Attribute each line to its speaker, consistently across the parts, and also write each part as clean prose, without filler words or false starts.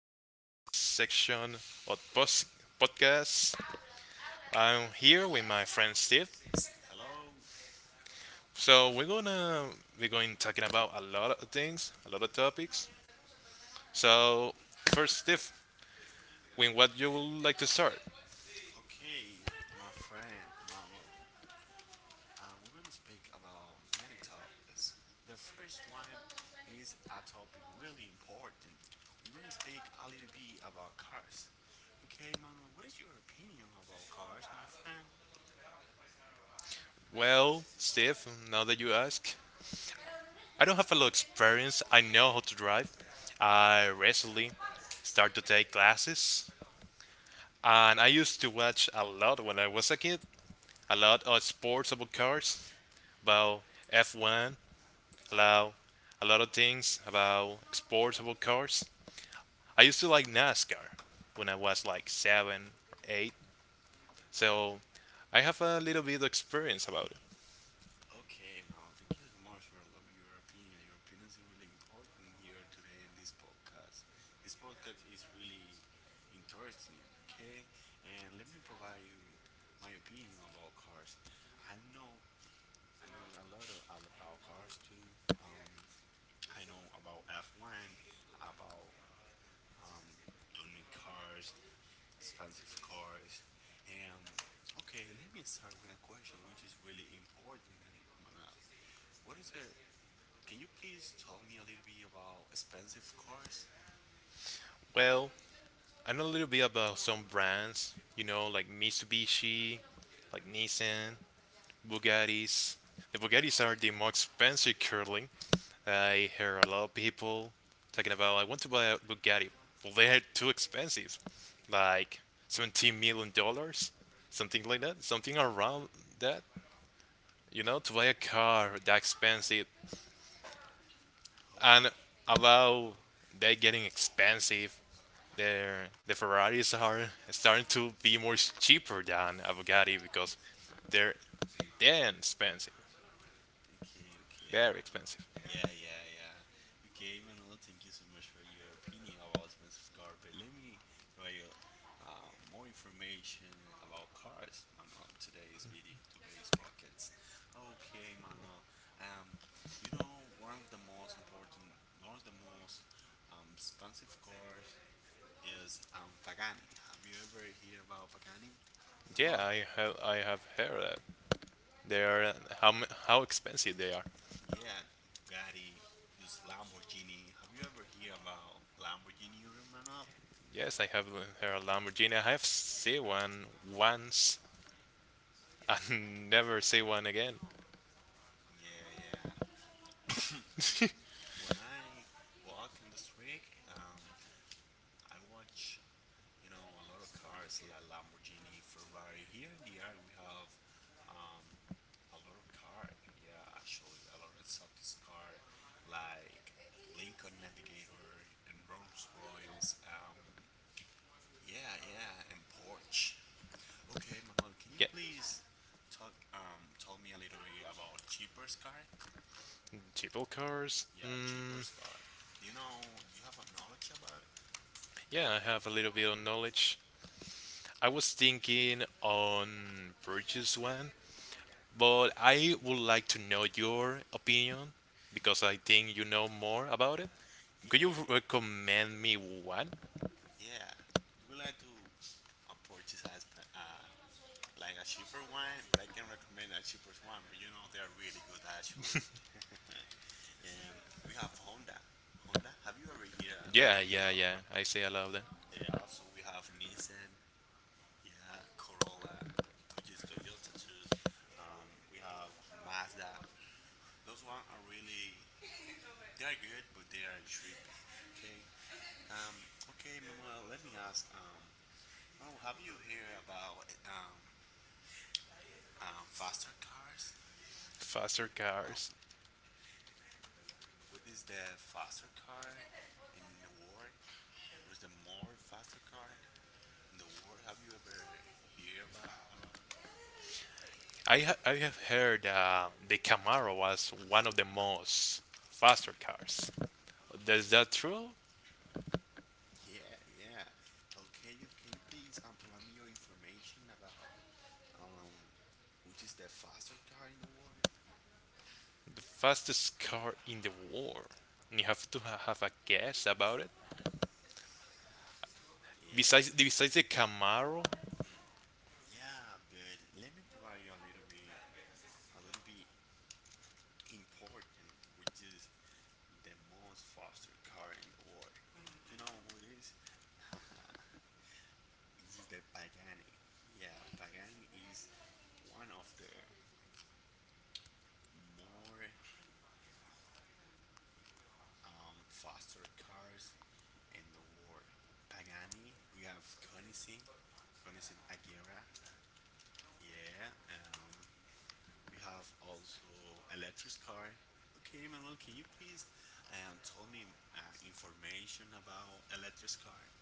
Speaker 1: Welcome to this section of podcast. I'm here with my friend Steve.
Speaker 2: Hello,
Speaker 1: So, we're going talking about a lot of things, a lot of topics. So, first Steve, with what you would like to start?
Speaker 2: okay, my friend Manuel. We're gonna speak about many topics. The first one is a topic really important. We're gonna speak a little bit about cars. Okay, Manuel, what is your opinion about cars, my friend?
Speaker 1: Well, Steve, now that you ask, I don't have a lot of experience. I know how to drive. I recently started to take classes, and I used to watch a lot when I was a kid. A lot of sports about cars, about F1, about a lot of things about sports about cars. I used to like NASCAR when I was like seven or eight, so I have a little bit of experience about it.
Speaker 2: Okay, Mal, thank you so much for allowing me your opinion. Your opinion is really important here today in this podcast. This podcast is really interesting, okay? And let me provide you my opinion about cars. I know I know a lot of, about cars too. I know about F1, about um, tuning cars, expensive cars, and okay, let me start with a question which is really important, Manuel. What is the can you please tell me a little bit about expensive cars?
Speaker 1: Well, I know a little bit about some brands, you know, like Mitsubishi, like Nissan, Bugattis. The Bugattis are the most expensive currently. I hear a lot of people talking about I want to buy a Bugatti. Well, they're too expensive, like $17 million, something like that, something around that. You know, to buy a car that expensive and
Speaker 2: Okay,
Speaker 1: about they getting expensive. The Ferraris are starting to be more cheaper than a Bugatti because they're damn expensive,
Speaker 2: okay,
Speaker 1: very expensive.
Speaker 2: Manuel. Yeah, yeah, yeah. Okay, Manuel, thank you so much for your opinion about expensive car. But let me provide you more information about cars, Manuel. Today's video, today's pockets. Okay, Manuel. Um, you know, one of the most expensive cars is Pagani. Have you ever heard about Pagani,
Speaker 1: Yeah,
Speaker 2: Manuel?
Speaker 1: I have heard that they are how expensive they are.
Speaker 2: Yeah, Bugatti, just Lamborghini. Have you ever hear about Lamborghini, Manuel?
Speaker 1: Yes, I have her Lamborghini. I have seen one once and never see one again.
Speaker 2: Yeah, yeah. When I walk on the street, I watch, you know, a lot of cars like Lamborghini, Ferrari. Here in the area, we have um, a lot of car. Yeah, actually, a lot of exotic car like Lincoln Navigator and Rolls Royals. Yeah, yeah, and Porsche. Okay, Manuel, can
Speaker 1: Yeah,
Speaker 2: you please talk tell me a little bit about Cheaper's car?
Speaker 1: Jeep cars.
Speaker 2: Yeah,
Speaker 1: Mm,
Speaker 2: Cheaper's car. Do you know? Do you have a knowledge about it?
Speaker 1: yeah, I have a little bit of knowledge. I was thinking on purchase one, but I would like to know your opinion because I think you know more about it. Could
Speaker 2: Yeah,
Speaker 1: you
Speaker 2: yeah,
Speaker 1: recommend me one?
Speaker 2: yeah. We would like to purchase like a cheaper one, but I can recommend a cheaper one. But you know they are really good actually. We have Honda. Honda. Have you ever heard a
Speaker 1: Yeah,
Speaker 2: little bit
Speaker 1: yeah,
Speaker 2: about
Speaker 1: yeah.
Speaker 2: Honda?
Speaker 1: I say I love them.
Speaker 2: Yeah. Also, we have Nissan. Yeah, Corolla, which is Toyota too. We have Mazda. Those one are really, they are good, but they are trippy. Okay. Um, okay, Manuel. Let me ask. Manuel, have you heard about faster cars?
Speaker 1: Faster
Speaker 2: Uh,
Speaker 1: cars.
Speaker 2: what is the faster car in the world? What's the more faster car in the world? Have you ever heard about?
Speaker 1: I have heard the Camaro was one of the most faster cars. Is that true?
Speaker 2: Yeah, yeah. Okay, you can you please provide me your information about um which is the faster car in the world?
Speaker 1: The fastest car in the world. You have to ha have a guess about it.
Speaker 2: Yeah,
Speaker 1: Besides the Camaro,
Speaker 2: yeah. But let me provide you a little bit important, which is the most faster car in the world. Do you know who it is? It is the Pagani. Yeah, Pagani is one of the more faster cars and the war. Pagani, we have Koenigsegg Agera. Yeah. We have also Electric Car. Okay, Manuel, can you please tell me information about Electric Car?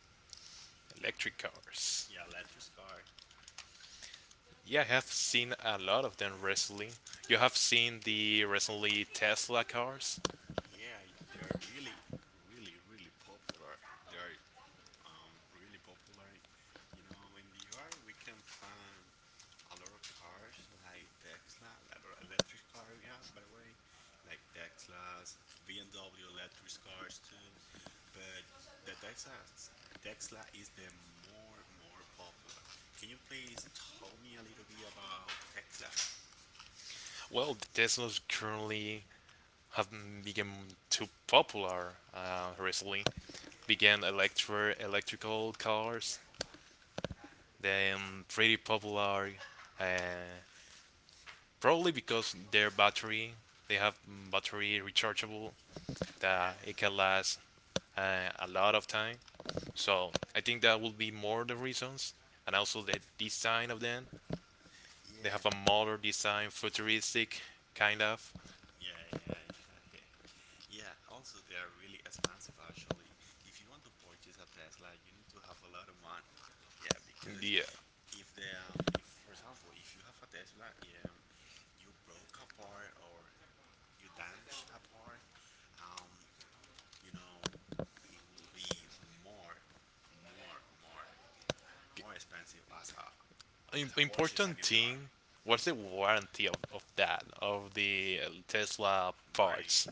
Speaker 1: electric cars.
Speaker 2: Yeah, Electric Car.
Speaker 1: Yeah, I have seen a lot of them recently. You have seen the recently Tesla cars.
Speaker 2: Yeah, they are really popular. They are really popular. You know, in the yard we can find a lot of cars like Tesla, a lot of electric car, yeah, by the way, like Teslas, BMW electric cars too. But the Tesla, Tesla is the more popular. Can you please tell me a little bit about Tesla?
Speaker 1: Well, the Teslas currently have become too popular, recently began electrical cars. They're pretty popular, uh, probably because their battery, they have battery rechargeable that it
Speaker 2: Yeah,
Speaker 1: can last a lot of time. So I think that will be more the reasons, and also the design of them. They have a
Speaker 2: yeah,
Speaker 1: modern design, futuristic kind of.
Speaker 2: yeah, yeah, yeah, yeah. Yeah, also they are really expensive actually. If you want to purchase a Tesla, you need to have a lot of money. Yeah, because
Speaker 1: Yeah.
Speaker 2: if for example, if you have a Tesla, you broke apart or you damaged apart, um, you know, it will be more, more, more, more expensive as a purchase
Speaker 1: Important
Speaker 2: a new car.
Speaker 1: thing. What's the warranty of that of the Tesla
Speaker 2: Barry,
Speaker 1: parts?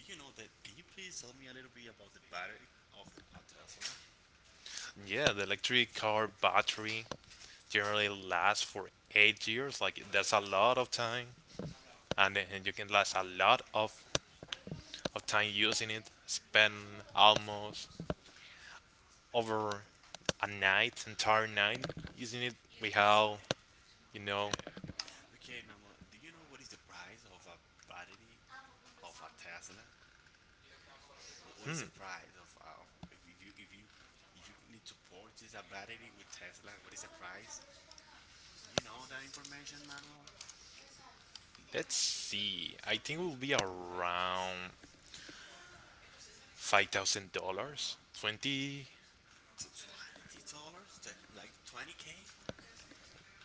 Speaker 2: do you know that? Can you please tell me a little bit about the battery of a Tesla?
Speaker 1: Yeah, the electric car battery generally lasts for 8 years. Like that's a lot of time, and you can last a lot of time using it. Spend almost over a night, entire night using it. Without, you know,
Speaker 2: Okay, okay, okay, Mamla. Do you know what is the price of a battery of a Tesla? What is the price of if, if you if you if you need to purchase a battery with Tesla? What is the price? You know that information manual?
Speaker 1: let's see. I think it will be around $5,000, 20.
Speaker 2: $20? That like 20K?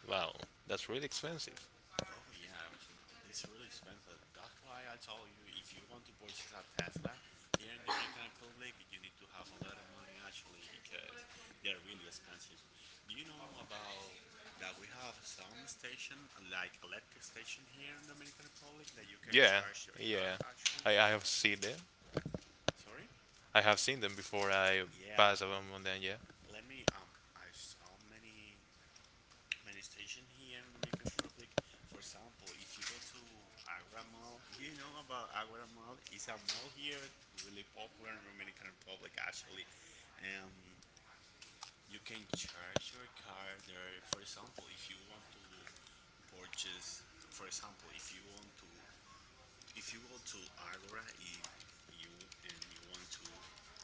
Speaker 1: Wow, that's really expensive.
Speaker 2: Oh yeah, this really expensive. That's why I told you if you want to purchase a Tesla here in the Dominican Republic, you need to have a lot of money actually because they are really expensive. Do you know about that we have some station like electric station here in Dominican Republic that you can
Speaker 1: Yeah,
Speaker 2: charge your
Speaker 1: yeah.
Speaker 2: car
Speaker 1: I,
Speaker 2: actually?
Speaker 1: I have seen them.
Speaker 2: Sorry?
Speaker 1: I have seen them before I
Speaker 2: Yeah,
Speaker 1: pass them on them. Yeah.
Speaker 2: let me I saw many stations here in Dominican Republic. For example, if you go to Agra Mall, you know about Agra Mall. It's a mall here, really popular in Dominican Republic actually. Um, you can charge your car there. For example, if you want to purchase, for example, if you want to, if you go to Agora, you and you want to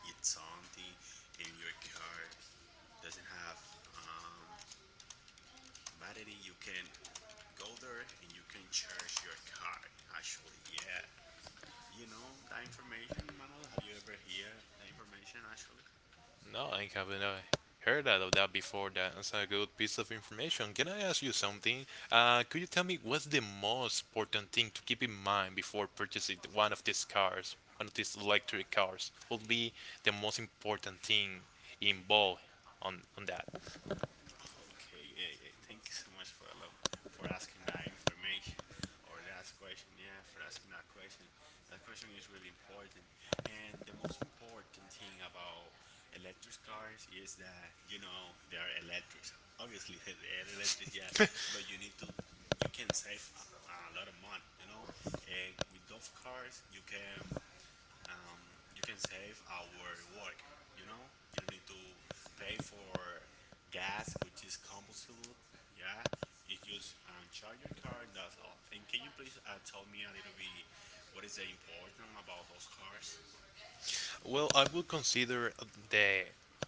Speaker 2: eat something, and your car doesn't have um, battery, you can go there and you can charge your car. Actually, yeah. You know that information, Manuel? Have you ever heard that information actually?
Speaker 1: No, I haven't heard that of that before. That's a good piece of information. Can I ask you something? Could you tell me what's the most important thing to keep in mind before purchasing one of these cars, one of these electric cars? Would be the most important thing involved on that?
Speaker 2: Okay, yeah, yeah. Thank you so much for for asking that information or that question. Yeah, for asking that question. That question is really important. And the most important thing about electric cars is that you know they are electric. Obviously, they are electric, yeah. But you need to you can save a lot of money. You know, and with those cars you can save our work. You know, you don't need to pay for gas, which is combustible. Yeah, it's just charge your car and that's all. And can you please tell me a little bit what is the important about those cars?
Speaker 1: Well, I would consider the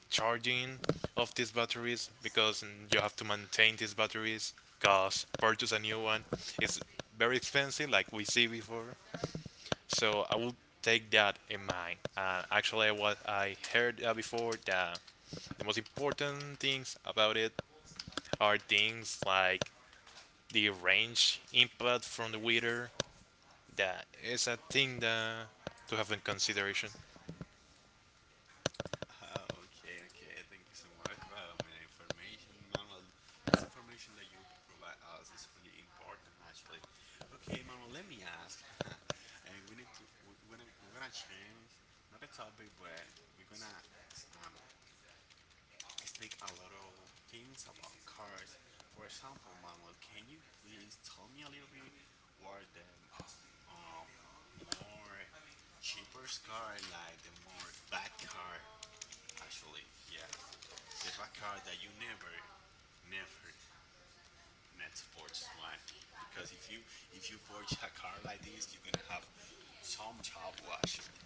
Speaker 1: charging of these batteries because you have to maintain these batteries. Cause purchase a new one is very expensive, like we see before. So I will take that in mind. And actually, what I heard before that the most important things about it are things like the range input from the weather. That is a thing that to have in consideration.
Speaker 2: Ah, okay, okay. Thank you so much for your information, Manuel. This information that you provide us is really important, actually. Okay, Manuel, let me ask. And we need to we- we're gonna change not a topic, but we're gonna um speak a lot of things about cars. For example, Manuel, can you please tell me a little bit what are the um more cheapest car, like the more bad car, actually? Yeah, the bad card that you never need to purchase one. Because if you purchase a card like this, you're gonna have some trouble actually.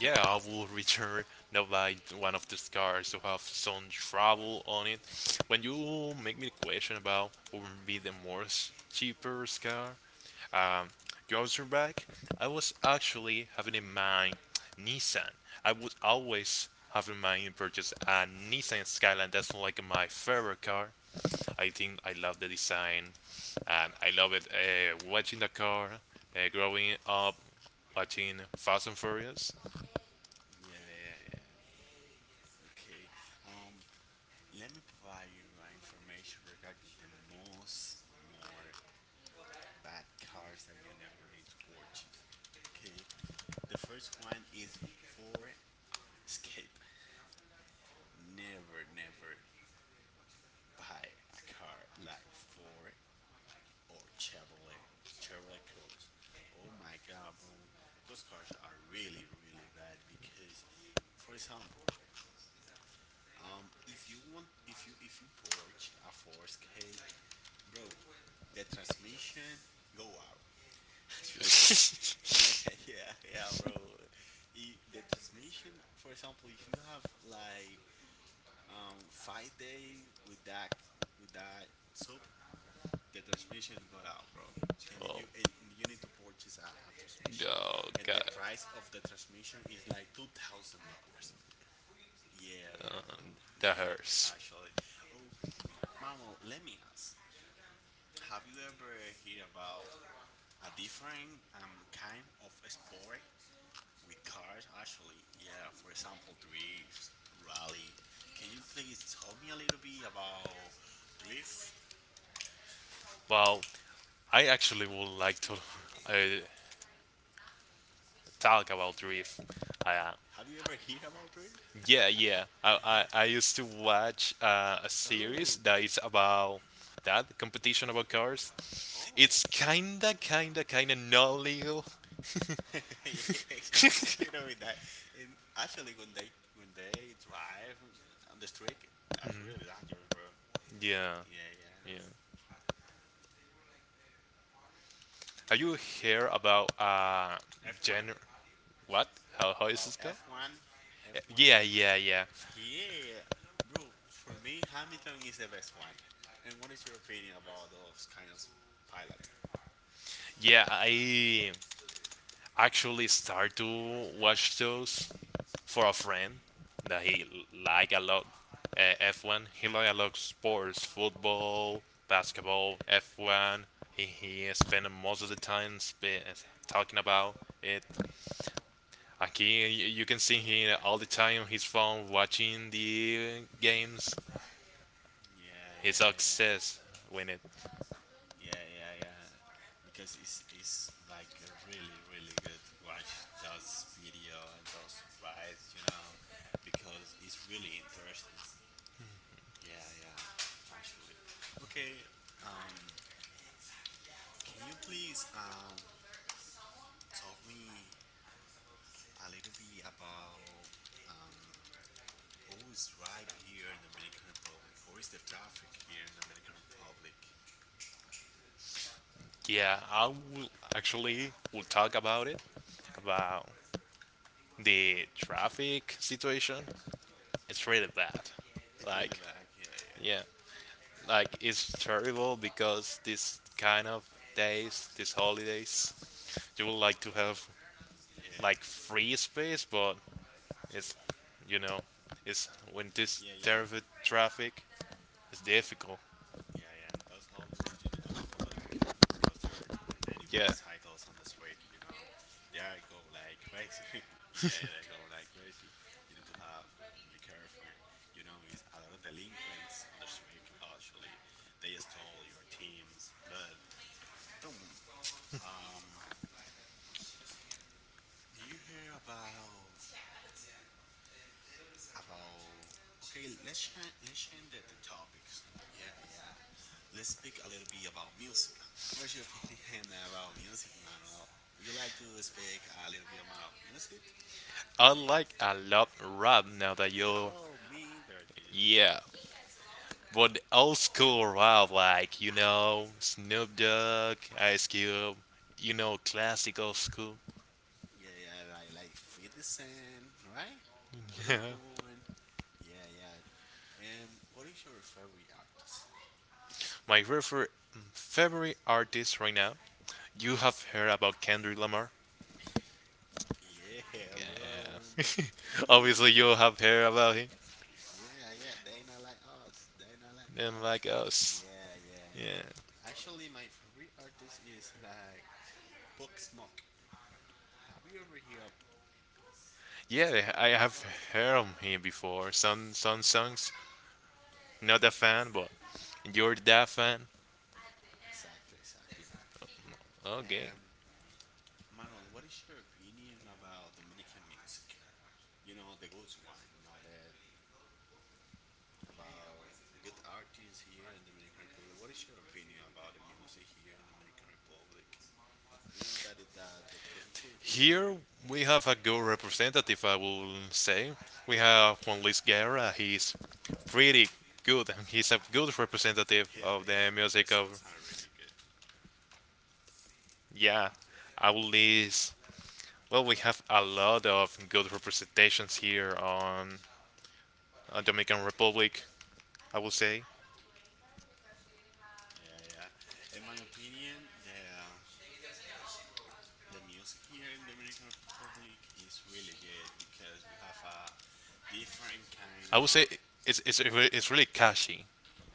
Speaker 1: Yeah, I will return now by one of these cars to have some trouble on it. When you make me the question about what would be the most cheaper car, um, girls are back. I was actually having in mind Nissan. I would always have in mind to purchase a Nissan Skyline. That's like my favorite car. I think I love the design, and I love it. Watching the car, growing up, watching Fast and Furious.
Speaker 2: Yeah, yeah, yeah, yeah. Okay. Um, Let me provide you information regarding the most more bad cars that you never need to purchase. Okay. The first one is for escape. Never, never buy a car like for or Chevrolet, Chevrolet Cruze. Oh my God, bro, those cars are really, really bad because, for example, if you want, if you purchase a four K, bro, the transmission go out. Actually, yeah, yeah, yeah, bro. The transmission, for example, if you have like 5 day with that soap the transmission got out, bro. And you need to purchase a
Speaker 1: Oh,
Speaker 2: transmission,
Speaker 1: oh
Speaker 2: and
Speaker 1: God,
Speaker 2: the price of the transmission is like $2,000. Yeah, yeah, bro.
Speaker 1: that
Speaker 2: Yeah,
Speaker 1: hurts.
Speaker 2: actually. Oh, Manuel, let me ask: Have you ever heard about a different kind of sport with cars? Actually, yeah. For example, drift, rally. Can you please tell me a little bit about drift?
Speaker 1: Well, I actually would like to uh, talk about drift. Uh,
Speaker 2: Have you ever heard about drift?
Speaker 1: Yeah, yeah. I used to watch a series
Speaker 2: Oh,
Speaker 1: that is about that competition about cars.
Speaker 2: oh.
Speaker 1: It's kinda not legal.
Speaker 2: Yeah, it's a little bit that. And actually, when they drive on the street, that's really dangerous, bro.
Speaker 1: Yeah,
Speaker 2: Yeah, yeah.
Speaker 1: yeah. Have you heard about
Speaker 2: F one
Speaker 1: gen? What? How is
Speaker 2: about
Speaker 1: this called?
Speaker 2: F one, F one.
Speaker 1: Yeah, yeah, yeah,
Speaker 2: Yeah, bro. For me, Hamilton is the best one. And what is your opinion about those kind of pilot?
Speaker 1: yeah. I actually start to watch those for a friend that he like a lot F1. He like a lot sports, football, basketball, F1. He spend most of the time talking about it. Aquí you can see him all the time on his phone watching the games.
Speaker 2: Yeah,
Speaker 1: His
Speaker 2: yeah, yeah.
Speaker 1: success win it.
Speaker 2: Yeah, yeah, yeah. Because it's like a really really good to watch those video and those rides, you know, because it's really interesting. Yeah, yeah, actually. Okay, um, can you please talk me a little bit about um who is drive here in Dominican Republic? Who is the traffic here in Dominican Republic?
Speaker 1: Yeah, I will actually will talk about it about the traffic situation. It's really bad.
Speaker 2: It's really
Speaker 1: Like,
Speaker 2: bad. Yeah, yeah,
Speaker 1: yeah, like it's terrible because this kind of days, these holidays, you would like to have
Speaker 2: yeah,
Speaker 1: like free space, but it's, you know, it's when this
Speaker 2: yeah, yeah.
Speaker 1: terrible traffic is difficult.
Speaker 2: Yeah, yeah, and those holidays you need to have a lot to be careful because there are many
Speaker 1: Yeah,
Speaker 2: motorcycles on the street, you know. They are go like crazy. Yeah, they go like crazy. You need to have be careful. You know, it's a lot of delinquents on the street actually. They stole your teams. But don't um do you hear about okay, let's change the topics. Yeah, yeah, let's speak a little bit about music. What's your opinion about music, Manuel? Would you like to speak a little bit about music?
Speaker 1: I like a lot rap now that you're,
Speaker 2: Oh me dirty.
Speaker 1: yeah, but old school rap, like Snoop Dogg, Ice Cube, classical school.
Speaker 2: Yeah, yeah, like 50 cent, right? Lil Pump. Yeah, yeah, what is your favorite artist?
Speaker 1: My favorite artist right now. You have heard about Kendrick Lamar.
Speaker 2: Yeah, bro.
Speaker 1: Obviously, you
Speaker 2: Yeah,
Speaker 1: have heard about him.
Speaker 2: yeah, yeah, they not like
Speaker 1: And
Speaker 2: us.
Speaker 1: like us.
Speaker 2: Yeah, yeah.
Speaker 1: Yeah.
Speaker 2: Actually, my favorite artist is like Bugsmoke. Have you ever heard music
Speaker 1: Yeah, I
Speaker 2: about
Speaker 1: have heard
Speaker 2: Bugsmoke?
Speaker 1: of him before. Some songs. Not a fan, but you're that fan.
Speaker 2: Exactly, exactly.
Speaker 1: Okay.
Speaker 2: Um, Manuel, what is your opinion about Dominican music? You know, the good one, not that about good artists here in Dominican Republic. What is your opinion about the music here in Dominican Republic? You know that the culture here.
Speaker 1: Here we have a good representative, I will say. We have Juan Luis Guerra. He's pretty good, and he's a good representative
Speaker 2: Yeah,
Speaker 1: of
Speaker 2: yeah,
Speaker 1: the
Speaker 2: their
Speaker 1: music
Speaker 2: songs
Speaker 1: of.
Speaker 2: are really good.
Speaker 1: Yeah, I will list Well, we have a lot of good representations here on Dominican Republic, I would say.
Speaker 2: Yeah, yeah. In my opinion, the music here in Dominican Republic is really good because we have a different kind
Speaker 1: I would say
Speaker 2: of
Speaker 1: it's really catchy.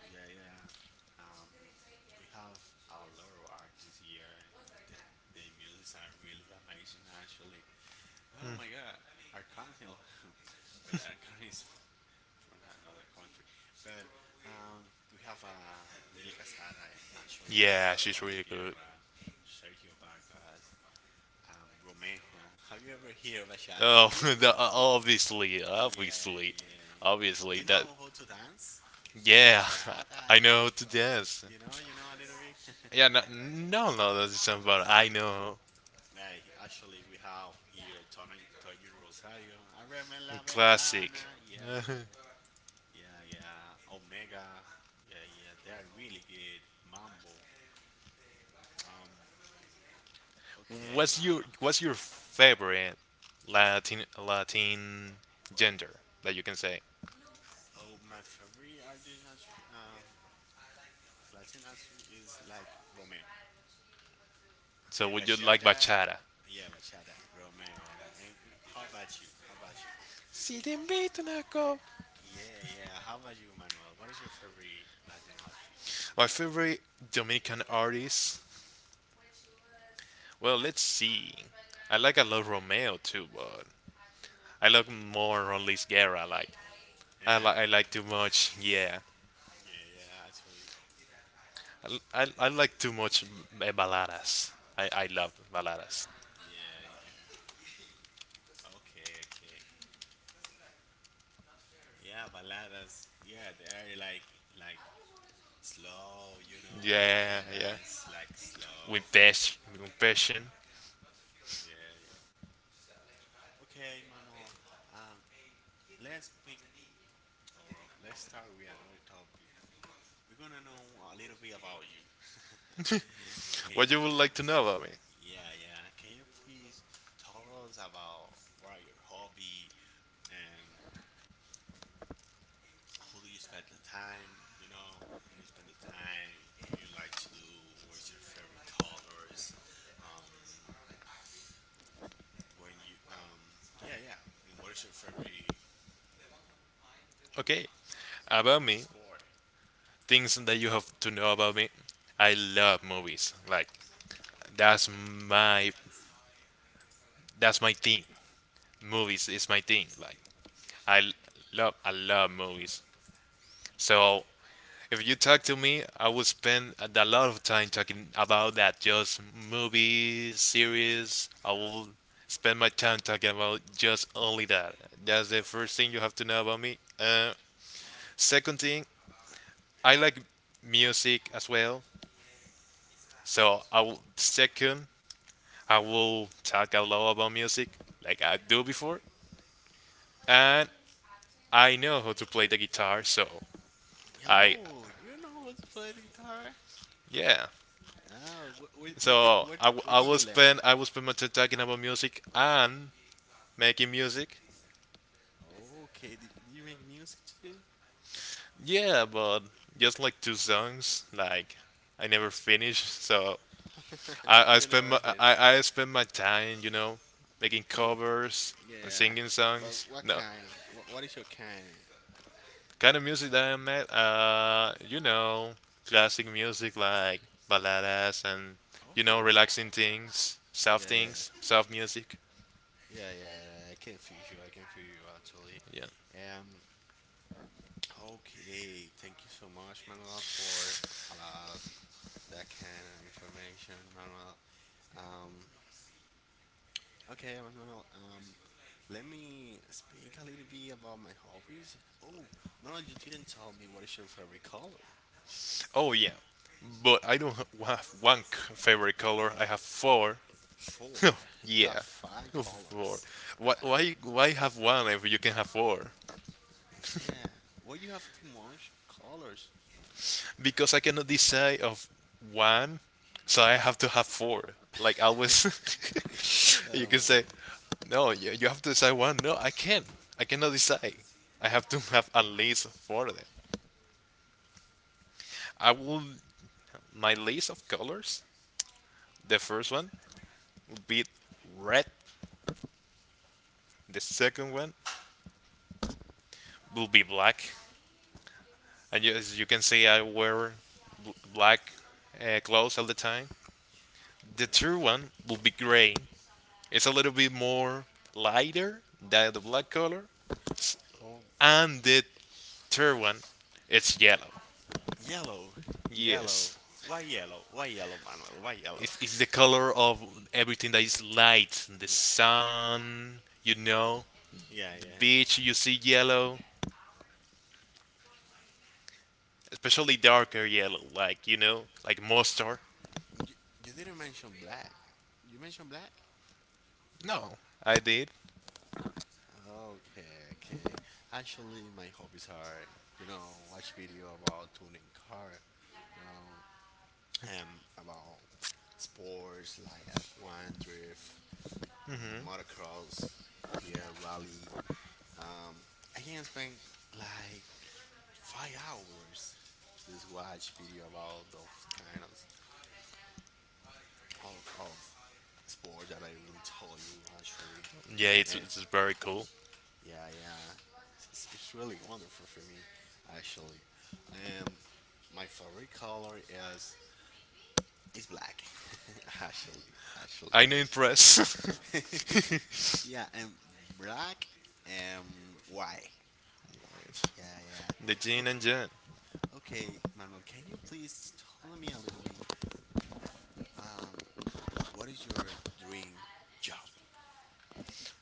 Speaker 2: yeah, yeah. Um, we have a lot of artists here, and the their music are really amazing. Actually, oh my God, Arcangel, but Arcangel is for another country. But we have Mile Casada, actually,
Speaker 1: Yeah, she's
Speaker 2: Juan Luis
Speaker 1: really good.
Speaker 2: Guerra, Sergio Vargas, Romejo. Have you ever heard bachata?
Speaker 1: Oh, the, obviously,
Speaker 2: Yeah,
Speaker 1: obviously,
Speaker 2: yeah.
Speaker 1: obviously
Speaker 2: You
Speaker 1: that.
Speaker 2: know how to dance? Like
Speaker 1: Yeah,
Speaker 2: bachata?
Speaker 1: I know how to dance.
Speaker 2: You know a little bit?
Speaker 1: Yeah, no, no, no, that's not about. I know.
Speaker 2: Like, actually, we have here Tono, Toño Rosario. Abreme la
Speaker 1: Classic.
Speaker 2: ventana. Yeah, yeah. Yeah, yeah. Omega. Yeah, yeah. They are really good. Mambo. Um. Okay,
Speaker 1: What's
Speaker 2: man.
Speaker 1: your favorite Latin gender that you can say?
Speaker 2: Oh, my favorite artist, Latin artist is like Romeo
Speaker 1: So
Speaker 2: and
Speaker 1: would you like
Speaker 2: Bachata.
Speaker 1: bachata?
Speaker 2: Yeah, Bachata, Romeo. Yeah. And how about you? How about you?
Speaker 1: Si te invito una copa.
Speaker 2: Yeah, yeah. How about you, Manuel? What is your favorite Latin artist in
Speaker 1: My
Speaker 2: general?
Speaker 1: favorite Dominican artist. Well, let's see. I like a lot Romeo too, but I like more Rolis Guerra. Like I
Speaker 2: Yeah,
Speaker 1: like I like too much. Yeah,
Speaker 2: yeah, yeah. Actually,
Speaker 1: I like too much baladas. I love baladas.
Speaker 2: yeah, yeah. Okay, okay. Yeah, baladas. Yeah, they are like slow, you know, you
Speaker 1: Yeah,
Speaker 2: can
Speaker 1: yeah.
Speaker 2: dance like
Speaker 1: With
Speaker 2: slow.
Speaker 1: passion, with passion.
Speaker 2: Yeah, yeah. Okay, Manuel. Um, let's pick or let's start with another topic. We're gonna know a little bit about you. Can
Speaker 1: What you
Speaker 2: you?
Speaker 1: would like to know about me?
Speaker 2: Yeah, yeah. Can you please tell us about what are your hobby and who do you spend the time? You know, who do you spend the time? What you like to do? What's your favorite colors? Um, when you yeah yeah and what is your favorite
Speaker 1: Okay.
Speaker 2: yeah
Speaker 1: About
Speaker 2: yeah
Speaker 1: me,
Speaker 2: sport.
Speaker 1: things that you have to know about me. I love movies. Like that's my that's my thing. Movies is my thing. Like I I love movies. So if you talk to me, I will spend a lot of time talking about that. Just movies, series. I will spend my time talking about just only that. That's the first thing you have to know about me. Second thing, I like music as well. So I will talk out loud about music like I do before, and I know how to play the guitar. So I,
Speaker 2: Yo, you know how to play the guitar?
Speaker 1: yeah.
Speaker 2: Oh,
Speaker 1: So
Speaker 2: where
Speaker 1: I
Speaker 2: did
Speaker 1: will
Speaker 2: you learn?
Speaker 1: spend I will spend my time talking about music and making music.
Speaker 2: Okay, do do you make music too?
Speaker 1: Yeah, but just like two songs, like I never finish. So I, I
Speaker 2: You
Speaker 1: spend my
Speaker 2: never heard,
Speaker 1: I, I spend my time, making
Speaker 2: but
Speaker 1: covers and
Speaker 2: yeah,
Speaker 1: singing
Speaker 2: but
Speaker 1: songs. No,
Speaker 2: what is your kind?
Speaker 1: kind of music that I'm at, classic music like baladas and
Speaker 2: Oh,
Speaker 1: relaxing
Speaker 2: yeah yeah
Speaker 1: things, soft music.
Speaker 2: yeah yeah yeah, I can feel you, I can feel you actually.
Speaker 1: Yeah.
Speaker 2: um okay, thank you so much, Manuel, for allow us that kind of information, Manuel. Um, okay, Manuel. Let me speak a little bit about my hobbies. Oh, Manuel, you didn't tell me what is your favorite color, actually.
Speaker 1: Oh yeah. But I don't have one favorite color. I have four.
Speaker 2: Four. You have
Speaker 1: Yeah.
Speaker 2: five
Speaker 1: Four.
Speaker 2: colors. All
Speaker 1: Why,
Speaker 2: right.
Speaker 1: why, why have one if you can have four?
Speaker 2: Yeah. Well, you have too much colors.
Speaker 1: Because I cannot decide of one, so I have to have four. Like always, you
Speaker 2: Oh
Speaker 1: can
Speaker 2: my
Speaker 1: say,
Speaker 2: god.
Speaker 1: no, you have to decide one. No, I can't. I cannot decide. I have to have at least four of them. I will my list of colors. The first one will be red. The second one will be black. And as you can see, I wear black clothes all the time. The third one will be gray. It's a little bit more lighter than the black color.
Speaker 2: Oh,
Speaker 1: And the third one, it's yellow.
Speaker 2: yellow, yellow.
Speaker 1: Yes,
Speaker 2: Why yellow? Why yellow, Manuel? Why yellow?
Speaker 1: it's, it's the color of everything that is light. The
Speaker 2: Nah.
Speaker 1: sun,
Speaker 2: Yeah,
Speaker 1: the
Speaker 2: yeah.
Speaker 1: beach, you see yellow, especially darker yellow, like, like mustard.
Speaker 2: You, you didn't mention black. You mentioned black?
Speaker 1: No, I did.
Speaker 2: Okay, okay. Actually, my hobbies are, you know, watch video about tuning car, you know, about sports like F1, drift, um, motocross, yeah, rally. Um, I can spend like 5 hours just watch video about those kind of of sports that I really told you actually.
Speaker 1: Yeah, it's,
Speaker 2: And
Speaker 1: it's very cool.
Speaker 2: yeah, yeah. It's really wonderful for me, actually. Um, my favorite color is black. Actually, actually,
Speaker 1: I know impress.
Speaker 2: is
Speaker 1: The
Speaker 2: yeah, and black and white. Yeah, yeah.
Speaker 1: gin
Speaker 2: Okay,
Speaker 1: and jan.
Speaker 2: okay, Manuel. Can you please tell me a little bit? Um, what is your dream job?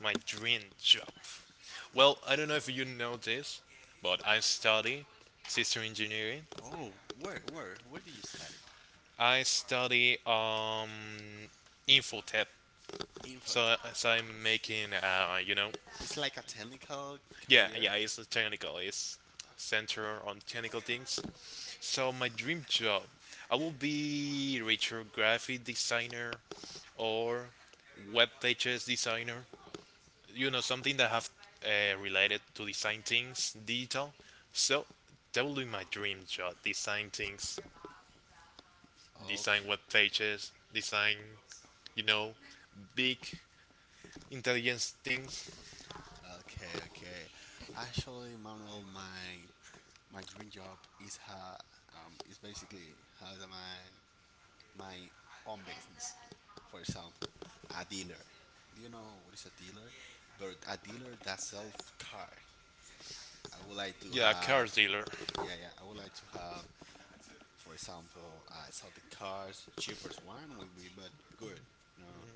Speaker 1: My dream job. Well, I don't know if you know this, but I study system engineering.
Speaker 2: Oh, where did you study?
Speaker 1: I study infotech. So,
Speaker 2: Infotech.
Speaker 1: so I'm making
Speaker 2: It's like a technical
Speaker 1: yeah,
Speaker 2: career.
Speaker 1: yeah, it's technical, it's center on technical things. So my dream job, I will be retro graphic designer or web pages designer, you know, something that have related to design things digital. So that will be my dream job, design things, design
Speaker 2: Okay.
Speaker 1: web pages, design, you know, big intelligence things.
Speaker 2: Okay, okay. Actually, Manuel, my dream job is ha is basically has my own business. For example, a dealer. Do you know what is a dealer? But a dealer that sells car. I would like to
Speaker 1: Yeah, car
Speaker 2: have
Speaker 1: dealer,
Speaker 2: yeah yeah. I would like to have, for example, I sell the cars. Cheapest one will be but good. You know,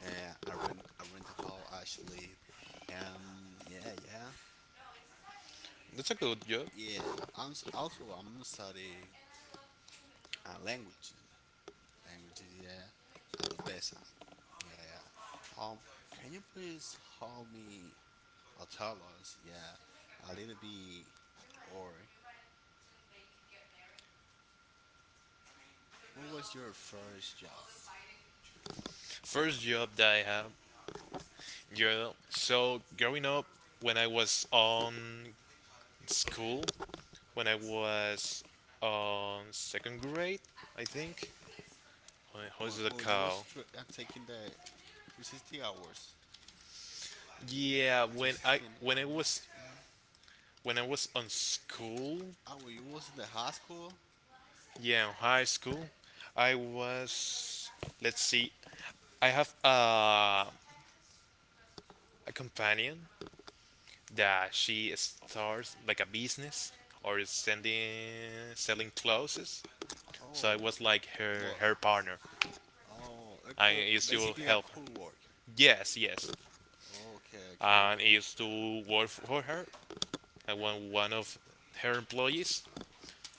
Speaker 2: I rent a car actually. Yeah, yeah.
Speaker 1: that's a good job.
Speaker 2: Yeah, also I'm studying languages. Languages, yeah, at Odessa. Yeah, yeah. Can you please help me or tell us, yeah, a little bit, or what was your first job?
Speaker 1: First job that I have, you know, so growing up, when I was on school, when I was on second grade, I think. How is
Speaker 2: When,
Speaker 1: the
Speaker 2: when you
Speaker 1: cow?
Speaker 2: was tr- uh, taking the 360 hours,
Speaker 1: Yeah,
Speaker 2: 316 hours, yeah.
Speaker 1: when I was on school,
Speaker 2: Oh, when you was in the high school?
Speaker 1: yeah, in high school. I was, let's see, I have a companion that she starts like a business or is sending selling clothes. So I
Speaker 2: Oh,
Speaker 1: was like her
Speaker 2: what?
Speaker 1: her partner.
Speaker 2: Oh, a
Speaker 1: I
Speaker 2: co-
Speaker 1: used to
Speaker 2: basically a
Speaker 1: help her.
Speaker 2: co-worker.
Speaker 1: Yes, yes.
Speaker 2: Okay, okay,
Speaker 1: And I
Speaker 2: okay.
Speaker 1: used to work for her. I was one of her employees.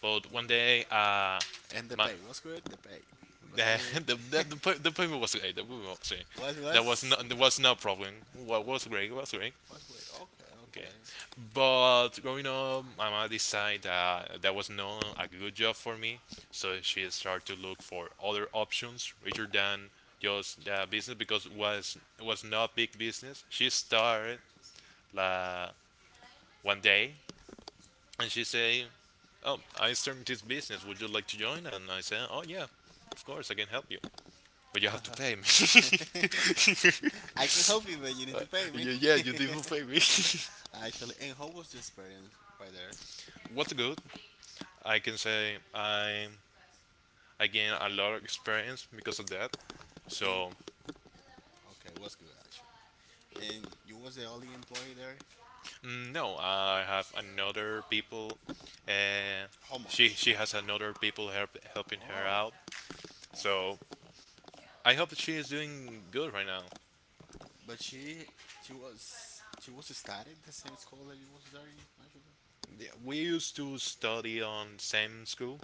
Speaker 1: But one
Speaker 2: Oh.
Speaker 1: day,
Speaker 2: And the
Speaker 1: my
Speaker 2: pay. What's good? The pay. What's
Speaker 1: eh,
Speaker 2: good?
Speaker 1: the people was great. The people was great. There was no
Speaker 2: What's
Speaker 1: there was no problem. What
Speaker 2: no.
Speaker 1: was great was great.
Speaker 2: What's good? Okay,
Speaker 1: Okay, but growing up, my mom decided that that was not a good job for me, so she started to look for other options rather than just the business because was it was not big business. She started la one day and she say, "Oh, I started this business. Would you like to join?" And I said, "Oh yeah, of course I can help you." But you have to pay me.
Speaker 2: okay. I can help you, but you need
Speaker 1: Uh,
Speaker 2: to pay me.
Speaker 1: yeah, yeah, you didn't pay me.
Speaker 2: Actually, and how was the experience right there?
Speaker 1: What's good? I can say I gain a lot of experience because of that.
Speaker 2: And you
Speaker 1: So,
Speaker 2: okay? What's good actually? And you was the only employee there.
Speaker 1: mm, no, I have another people. Uh,
Speaker 2: How much?
Speaker 1: she
Speaker 2: How much?
Speaker 1: has another people help, helping her
Speaker 2: Oh,
Speaker 1: out. So I hope that she is doing good right now.
Speaker 2: but she was started the same school that you was there in, actually.
Speaker 1: Yeah, we used to study on same school,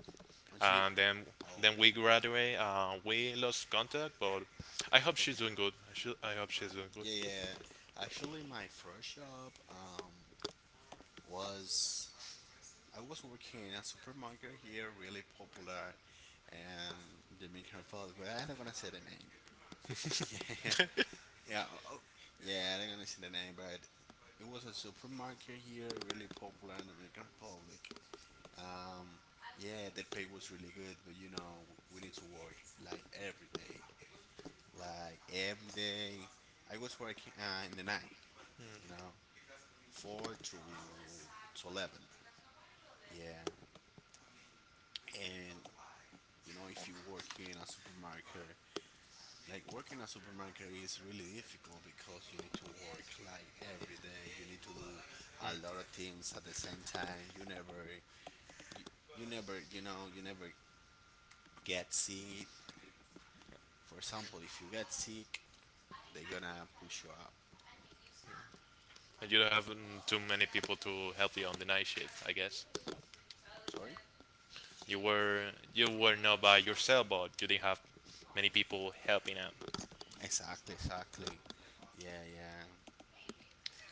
Speaker 2: And she
Speaker 1: and then
Speaker 2: oh,
Speaker 1: then we graduate. We lost contact, but I
Speaker 2: okay
Speaker 1: hope she's
Speaker 2: okay
Speaker 1: doing good. I hope she's doing good.
Speaker 2: yeah yeah. Actually, my first job was I was working in a supermarket here, really popular, and Dominican Republic. But I'm not gonna say the name. Yeah, yeah, oh, yeah. I'm not gonna say the name, but it was a supermarket here, really popular in Dominican Republic. Um, yeah, the pay was really good, but you know we need to work like every day, like every day. I was working in the night, you know, four to 11. Yeah, and you know, if you work in a supermarket, like working a supermarket is really difficult because you need to work like every day. You need to do a lot of things at the same time. You, you never, you know, you never get sick. For example, if you get sick, they're gonna push you up.
Speaker 1: And you don't have too many people to help you on the night shift, I guess.
Speaker 2: Sorry?
Speaker 1: You were you were not by yourself, but you didn't have many people helping out.
Speaker 2: Exactly, exactly. Yeah, yeah.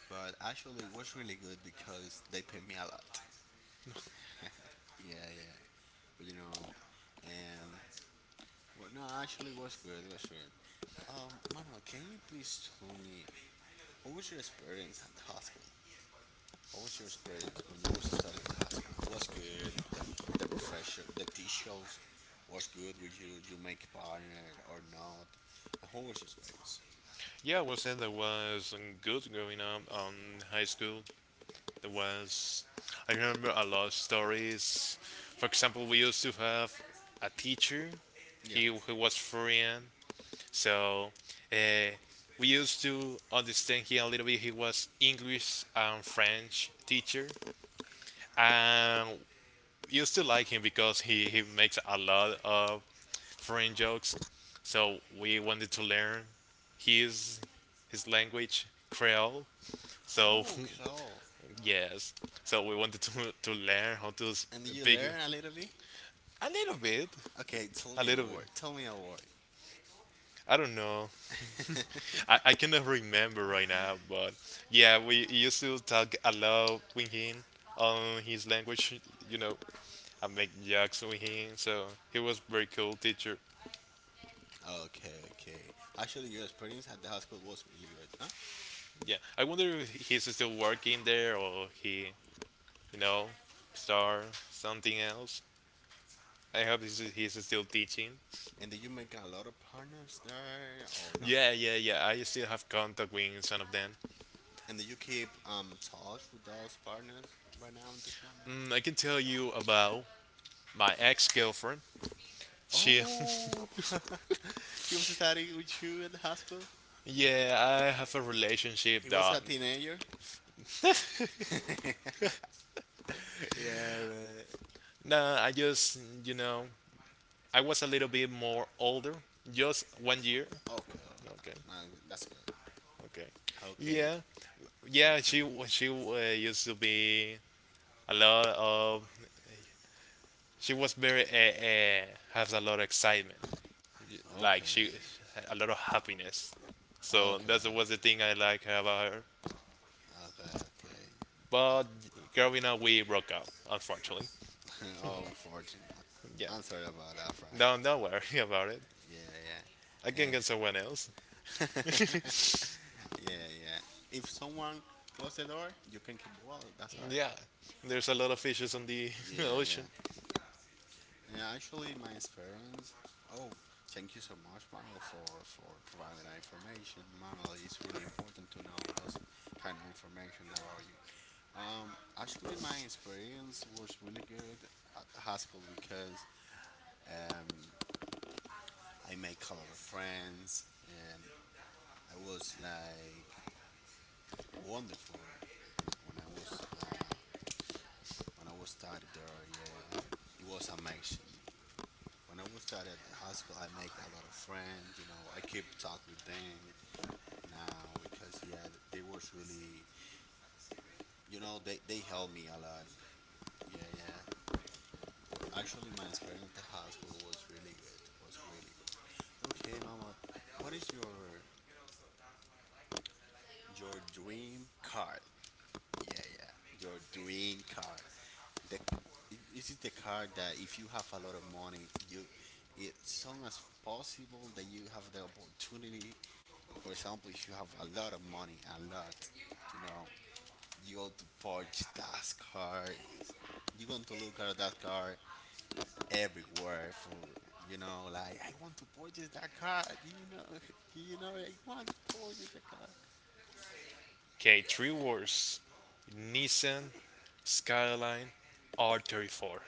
Speaker 2: But actually, it was really good because they paid me a lot. Yeah, yeah. But you know, and well, no, actually, it was good. It was good. Manuel, can you please tell me what was your experience at the hospital? What was your experience when you was studying at the hospital? Was good. The professor, the teachers, was good with you. You make partner or not? And what was your experience?
Speaker 1: Yeah, I was saying that was good growing up on high school. There was, I remember a lot of stories. For example, we used to have a teacher.
Speaker 2: Yeah.
Speaker 1: He who was foreign, so uh, we used to understand him a little bit. He was English and French teacher, and we used to like him because he makes a lot of foreign jokes. So we wanted to learn his his language Creole. So,
Speaker 2: Oh, cool.
Speaker 1: yes. So we wanted to learn how to
Speaker 2: And did you
Speaker 1: speak
Speaker 2: learn a little bit?
Speaker 1: a little bit,
Speaker 2: Okay, tell
Speaker 1: a
Speaker 2: me a
Speaker 1: little bit.
Speaker 2: word. Tell me a word.
Speaker 1: I don't know. I cannot remember right now, but yeah, we used to talk a lot with him on his language, you know, I make jokes with him. So he was very cool teacher.
Speaker 2: Okay, okay. Actually, your experience at the hospital was really good, huh?
Speaker 1: Yeah. I wonder if he's still working there or he, you know, star something else. I hope he's still teaching.
Speaker 2: And do you make a lot of partners there or no?
Speaker 1: Yeah, yeah, yeah. I still have contact with some of them.
Speaker 2: And do you keep talk with those partners right now in this moment?
Speaker 1: Mm, I can tell you about my ex-girlfriend. She,
Speaker 2: Oh, he was studying with you at the high school.
Speaker 1: yeah, I have a relationship
Speaker 2: He was
Speaker 1: that.
Speaker 2: a teenager. Yeah, right.
Speaker 1: Nah, I just, you know, I was a little bit more older, just one year.
Speaker 2: Okay,
Speaker 1: Okay,
Speaker 2: that's good.
Speaker 1: okay.
Speaker 2: Okay,
Speaker 1: Yeah, yeah.
Speaker 2: okay,
Speaker 1: She wa- she used to be a lot of. She was very has a lot of excitement,
Speaker 2: okay,
Speaker 1: like she
Speaker 2: okay,
Speaker 1: a lot of happiness. So
Speaker 2: okay,
Speaker 1: that was the thing I like about her.
Speaker 2: okay.
Speaker 1: But growing up, we broke up, unfortunately.
Speaker 2: Oh, unfortunate.
Speaker 1: Yeah,
Speaker 2: I'm sorry about that, Frank.
Speaker 1: no, don't worry about it.
Speaker 2: Yeah, yeah.
Speaker 1: I can get someone else.
Speaker 2: Eh. Yeah, yeah. If someone close the door, you can keep well. That's alright.
Speaker 1: Yeah, there's a lot of fishes on the
Speaker 2: Yeah,
Speaker 1: ocean.
Speaker 2: yeah. And actually, my experience. Oh, thank you so much, Manuel, for providing that information. Manuel, it's really important to know those kind of information about you. Actually, my experience was really good at high school because um, I made a lot of friends and I was like wonderful when I was when I was started there, yeah, it was amazing. When I was started at the high school, I make a lot of friends. You know, I keep talk with them now because yeah, they was really, you know, they helped me a lot. Yeah, yeah. Actually, my experience at the high school was really good. Was really good. Okay, mama, what is your dream car? Yeah, yeah, your dream car. The it is the card that if you have a lot of money you it soon as possible that you have the opportunity. For example, if you have a lot of money a lot, you know, you go to purchase that card. You're going to look at that card everywhere for, you know, like I want to purchase that card, you know, you know I want to purchase that card.
Speaker 1: Okay, three words: Nissan Skyline R34.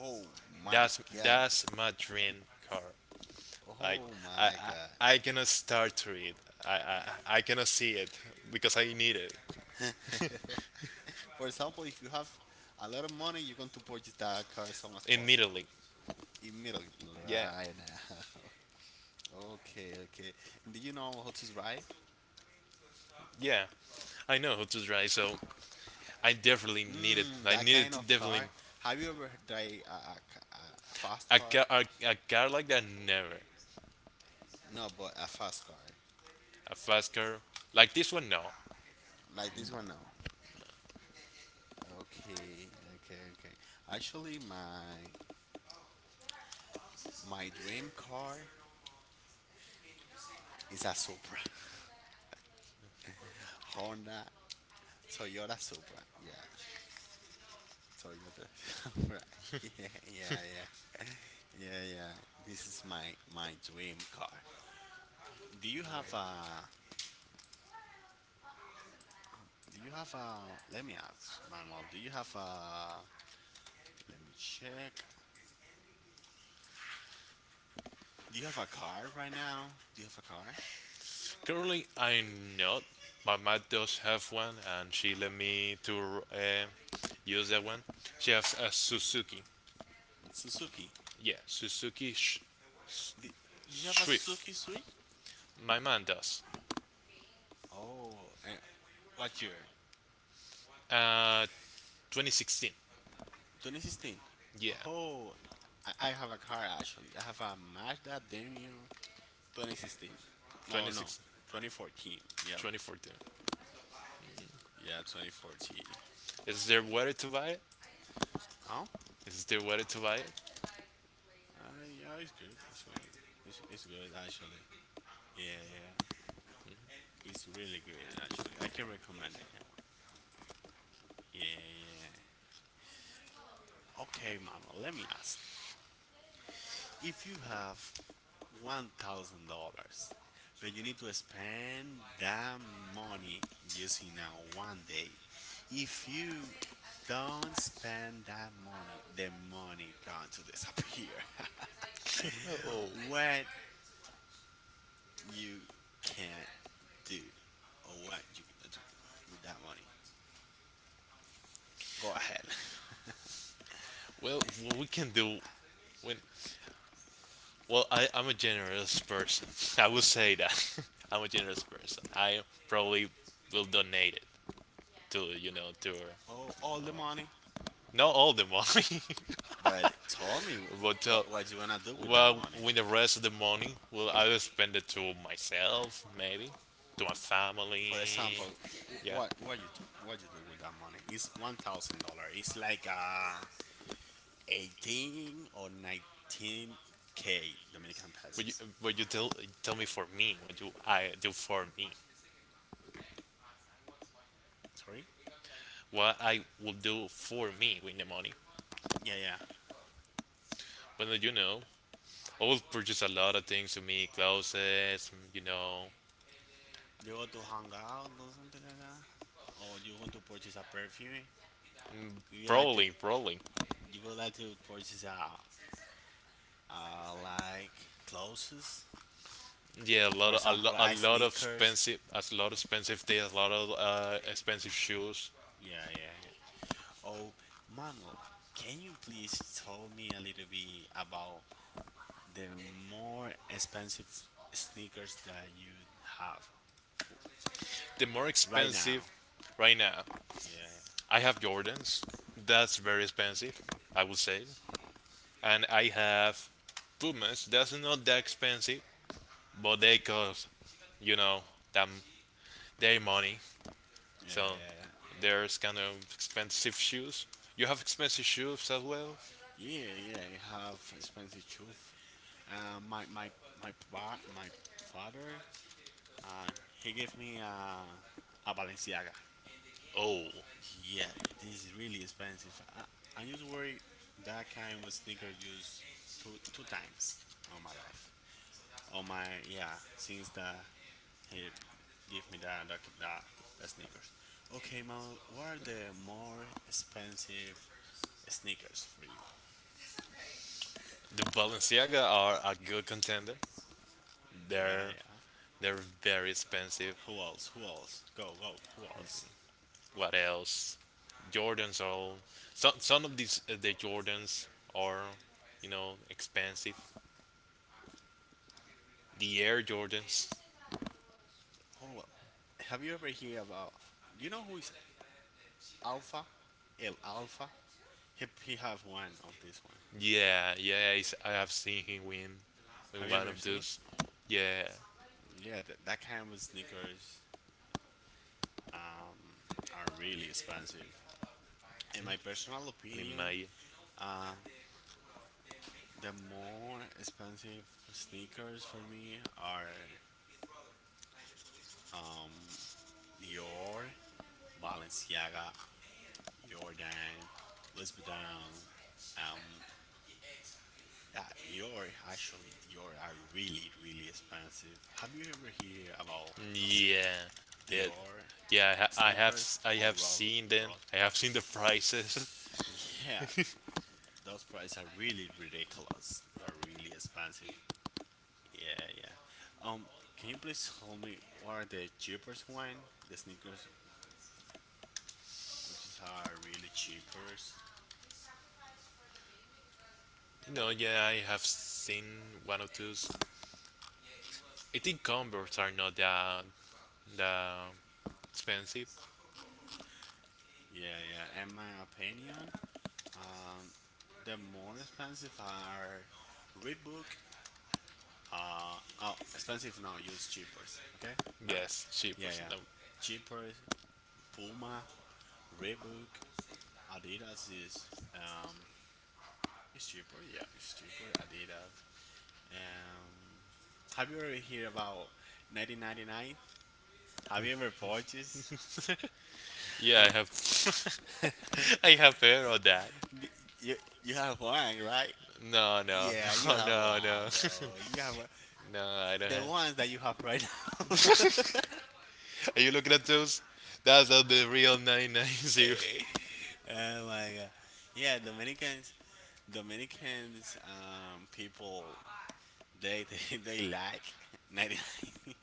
Speaker 2: Oh my
Speaker 1: That's
Speaker 2: goodness.
Speaker 1: that's my dream car. Like
Speaker 2: Oh my
Speaker 1: I I cannot start to it. I cannot see it because I need it
Speaker 2: god. For example, if you have a lot of money, you're going to purchase that car as soon as possible.
Speaker 1: immediately.
Speaker 2: Immediately,
Speaker 1: Yeah,
Speaker 2: right now. Okay, okay. And do you know how to drive?
Speaker 1: yeah. I know how to drive, so I definitely need it.
Speaker 2: Mm,
Speaker 1: I
Speaker 2: that
Speaker 1: need
Speaker 2: kind
Speaker 1: it
Speaker 2: of
Speaker 1: definitely.
Speaker 2: car. Have you ever drive a fast
Speaker 1: A
Speaker 2: car?
Speaker 1: car, a car like that, never.
Speaker 2: No, but a fast car.
Speaker 1: A fast car. Like this one, no.
Speaker 2: Like this one, no. Okay, okay, okay. Actually, my dream car is a Supra, Honda Toyota Supra. Yeah, Toyota Supra. Yeah, yeah, yeah. Yeah, yeah. This is my my dream car. Do you have a do you have a let me ask, Manuel, do you have a let me check. Do you have a car right now? Do you have a car?
Speaker 1: Currently, I'm not. My mom does have one, and she let me to use that one. She has a Suzuki.
Speaker 2: Mm, Suzuki.
Speaker 1: Yeah, Suzuki
Speaker 2: Do, do you have a Suzuki
Speaker 1: Swift.
Speaker 2: Switch?
Speaker 1: My mom does.
Speaker 2: Oh, eh, what year?
Speaker 1: Uh, 2016.
Speaker 2: 2016.
Speaker 1: Yeah,
Speaker 2: Oh, I have a car actually. I have a Mazda Demio 2016. Oh no,
Speaker 1: 2016,
Speaker 2: 2014. Yeah,
Speaker 1: 2014.
Speaker 2: yeah, 2014.
Speaker 1: Is there where to buy it?
Speaker 2: Oh,
Speaker 1: Is there where to buy it?
Speaker 2: uh, yeah, it's good. It's good. It's good actually. Yeah, yeah. It's really good actually. I can recommend it. Yeah, one. Yeah, yeah. Okay, Manuel. Let me ask. If you have $1,000, but you need to spend that money just in a one day, if you don't spend that money, the money going to disappear.
Speaker 1: Oh,
Speaker 2: What you can't do or what you going do with that money? Go ahead.
Speaker 1: well, what we can do when well, I'm a generous person. I would say that. I'm a generous person. I probably will donate it to, you know, to
Speaker 2: Oh, all the money.
Speaker 1: not all the money,
Speaker 2: But tell me
Speaker 1: but
Speaker 2: what you wanna do with that
Speaker 1: well,
Speaker 2: money.
Speaker 1: with the rest of the money, well, I will spend it to myself, maybe, to my family.
Speaker 2: For example, wh-
Speaker 1: Yeah,
Speaker 2: what what you do with that money? It's $1,000. It's like 18 or 19 k Dominican
Speaker 1: but you,
Speaker 2: pesos.
Speaker 1: but you tell me for me what you I do for me,
Speaker 2: Sorry.
Speaker 1: what I will do for me with the money.
Speaker 2: Yeah, yeah.
Speaker 1: But you know, I will purchase a lot of things to me, clothes, you know.
Speaker 2: You go to hang out or something like that, or you want to purchase a perfume. You would like to
Speaker 1: Probably, probably.
Speaker 2: you would like to purchase a I like clothes.
Speaker 1: Yeah, a
Speaker 2: For
Speaker 1: lot of
Speaker 2: example,
Speaker 1: a
Speaker 2: I
Speaker 1: lot of
Speaker 2: sneakers.
Speaker 1: expensive, a lot of expensive things, a lot of expensive shoes.
Speaker 2: Yeah, yeah, yeah. Oh, Manuel, can you please tell me a little bit about the more expensive sneakers that you have
Speaker 1: The more
Speaker 2: right now?
Speaker 1: expensive, right now,
Speaker 2: Yeah,
Speaker 1: I have Jordans. That's very expensive, I would say. And I have Pumas. That's not that expensive, but they cost, you know, them their money. So
Speaker 2: yeah,
Speaker 1: there's kind of expensive shoes. You have expensive shoes as well.
Speaker 2: yeah, yeah, yeah, yeah, I have expensive shoes. Uh, my my my father, uh, he gave me a Balenciaga.
Speaker 1: Oh,
Speaker 2: Yeah, this is really expensive. I used to worry that kind of sneaker used two times on my life. On my, yeah, since that he gave me that sneakers. Okay, man, what are the more expensive sneakers for you?
Speaker 1: the Balenciaga are a good contender.
Speaker 2: Yeah,
Speaker 1: They're
Speaker 2: yeah.
Speaker 1: They're very expensive.
Speaker 2: Who else? Who else? Go, go. Who else?
Speaker 1: What else? Jordans are all. Some of these the Jordans are, you know, expensive. The Air Jordans.
Speaker 2: Who? el- Have you ever heard about? You know who is Alpha? El Alpha. He have one of this one.
Speaker 1: Yeah, yeah, I have seen him win, in
Speaker 2: Have you
Speaker 1: one
Speaker 2: ever
Speaker 1: of
Speaker 2: seen?
Speaker 1: those. Yeah,
Speaker 2: Yeah, that kind of sneakers um, are really expensive. In my personal
Speaker 1: in
Speaker 2: opinion,
Speaker 1: my
Speaker 2: uh, the more expensive sneakers for me are um, Dior, Balenciaga, Jordan, Louis Vuitton. Um, yeah, Dior, actually, Dior are really, really expensive. Have you ever heard about s-
Speaker 1: yeah, that
Speaker 2: Dior
Speaker 1: yeah,
Speaker 2: sneakers
Speaker 1: I
Speaker 2: or
Speaker 1: have
Speaker 2: Robert
Speaker 1: seen them.
Speaker 2: Ross?
Speaker 1: I have seen the prices.
Speaker 2: Yeah, those prices are really ridiculous. They're really expensive. Yeah, yeah. Um, can you please tell me what are the cheapest one? The sneakers, which is are really cheapest.
Speaker 1: No, yeah, I have seen one of those. I think Converse are not that expensive.
Speaker 2: Yeah, yeah. In my opinion, um, the more expensive are Reebok. Oh, expensive no, use cheapers. Okay, my bad.
Speaker 1: Yes, cheaper.
Speaker 2: Yeah, yeah.
Speaker 1: No.
Speaker 2: Cheapers, Puma, Reebok, Adidas is um, it's cheaper. Yeah, it's cheaper. Adidas. Um, have you ever heard about 1999? Have you ever purchased?
Speaker 1: Yeah, I have. I have pair of that.
Speaker 2: you, you you have one, right?
Speaker 1: No, no,
Speaker 2: Yeah, you
Speaker 1: no,
Speaker 2: have
Speaker 1: no, no.
Speaker 2: one, bro.
Speaker 1: No, I don't
Speaker 2: The ones that you have right now.
Speaker 1: have. Are you looking at those? That's not the real 990.
Speaker 2: Oh my god. Yeah, Dominicans, people, they like 99.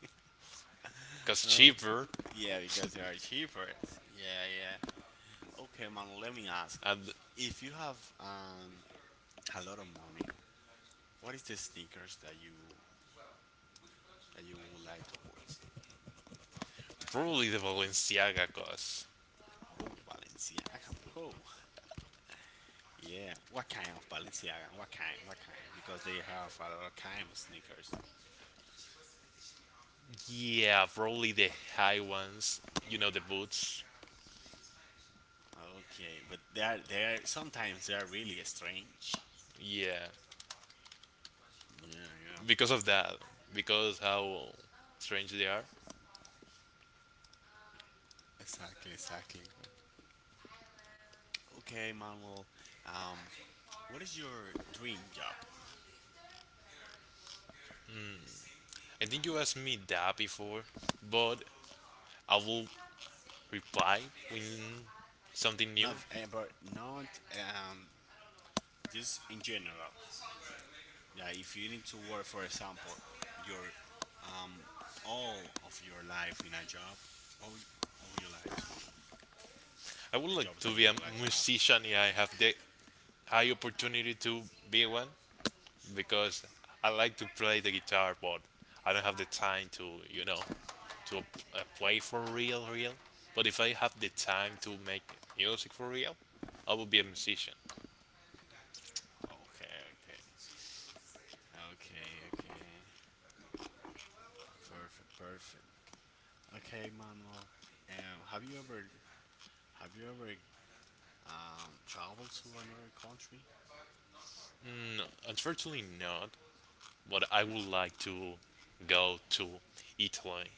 Speaker 1: Cause
Speaker 2: Oh,
Speaker 1: cheaper.
Speaker 2: yeah, because they are cheaper. Yeah, yeah. Okay, man, let me ask.
Speaker 1: And
Speaker 2: If you have a lot of money, what is the sneakers that you would like to purchase?
Speaker 1: probably the Balenciaga cause.
Speaker 2: Oh, Balenciaga. Oh, yeah. What kind of Balenciaga? What kind? What kind? Because they have a lot of kind of sneakers.
Speaker 1: Yeah, probably the high ones. You know, the boots.
Speaker 2: Okay, but they are sometimes they are really strange.
Speaker 1: Yeah,
Speaker 2: Yeah, yeah.
Speaker 1: because of that, because how strange they are.
Speaker 2: Exactly, exactly. Okay, Manuel. Um, what is your dream job?
Speaker 1: I think you asked me that before, but I will reply with something new.
Speaker 2: Not, but not just in general. Yeah, if you need to work, for example, your, um, all of your life in a job, or or you like to
Speaker 1: I would
Speaker 2: the job
Speaker 1: like to
Speaker 2: that
Speaker 1: be
Speaker 2: you
Speaker 1: a
Speaker 2: would like to have?
Speaker 1: musician if I have the high opportunity to be one. Because I like to play the guitar, but I don't have the time to, you know, to play for real, real. But if I have the time to make music for real, I will be a musician.
Speaker 2: Okay, okay, okay, okay. Perfect, perfect. Okay, Manuel. Um, have you ever have you ever traveled to another country?
Speaker 1: Mm, unfortunately, not. But I would like to go to Italy.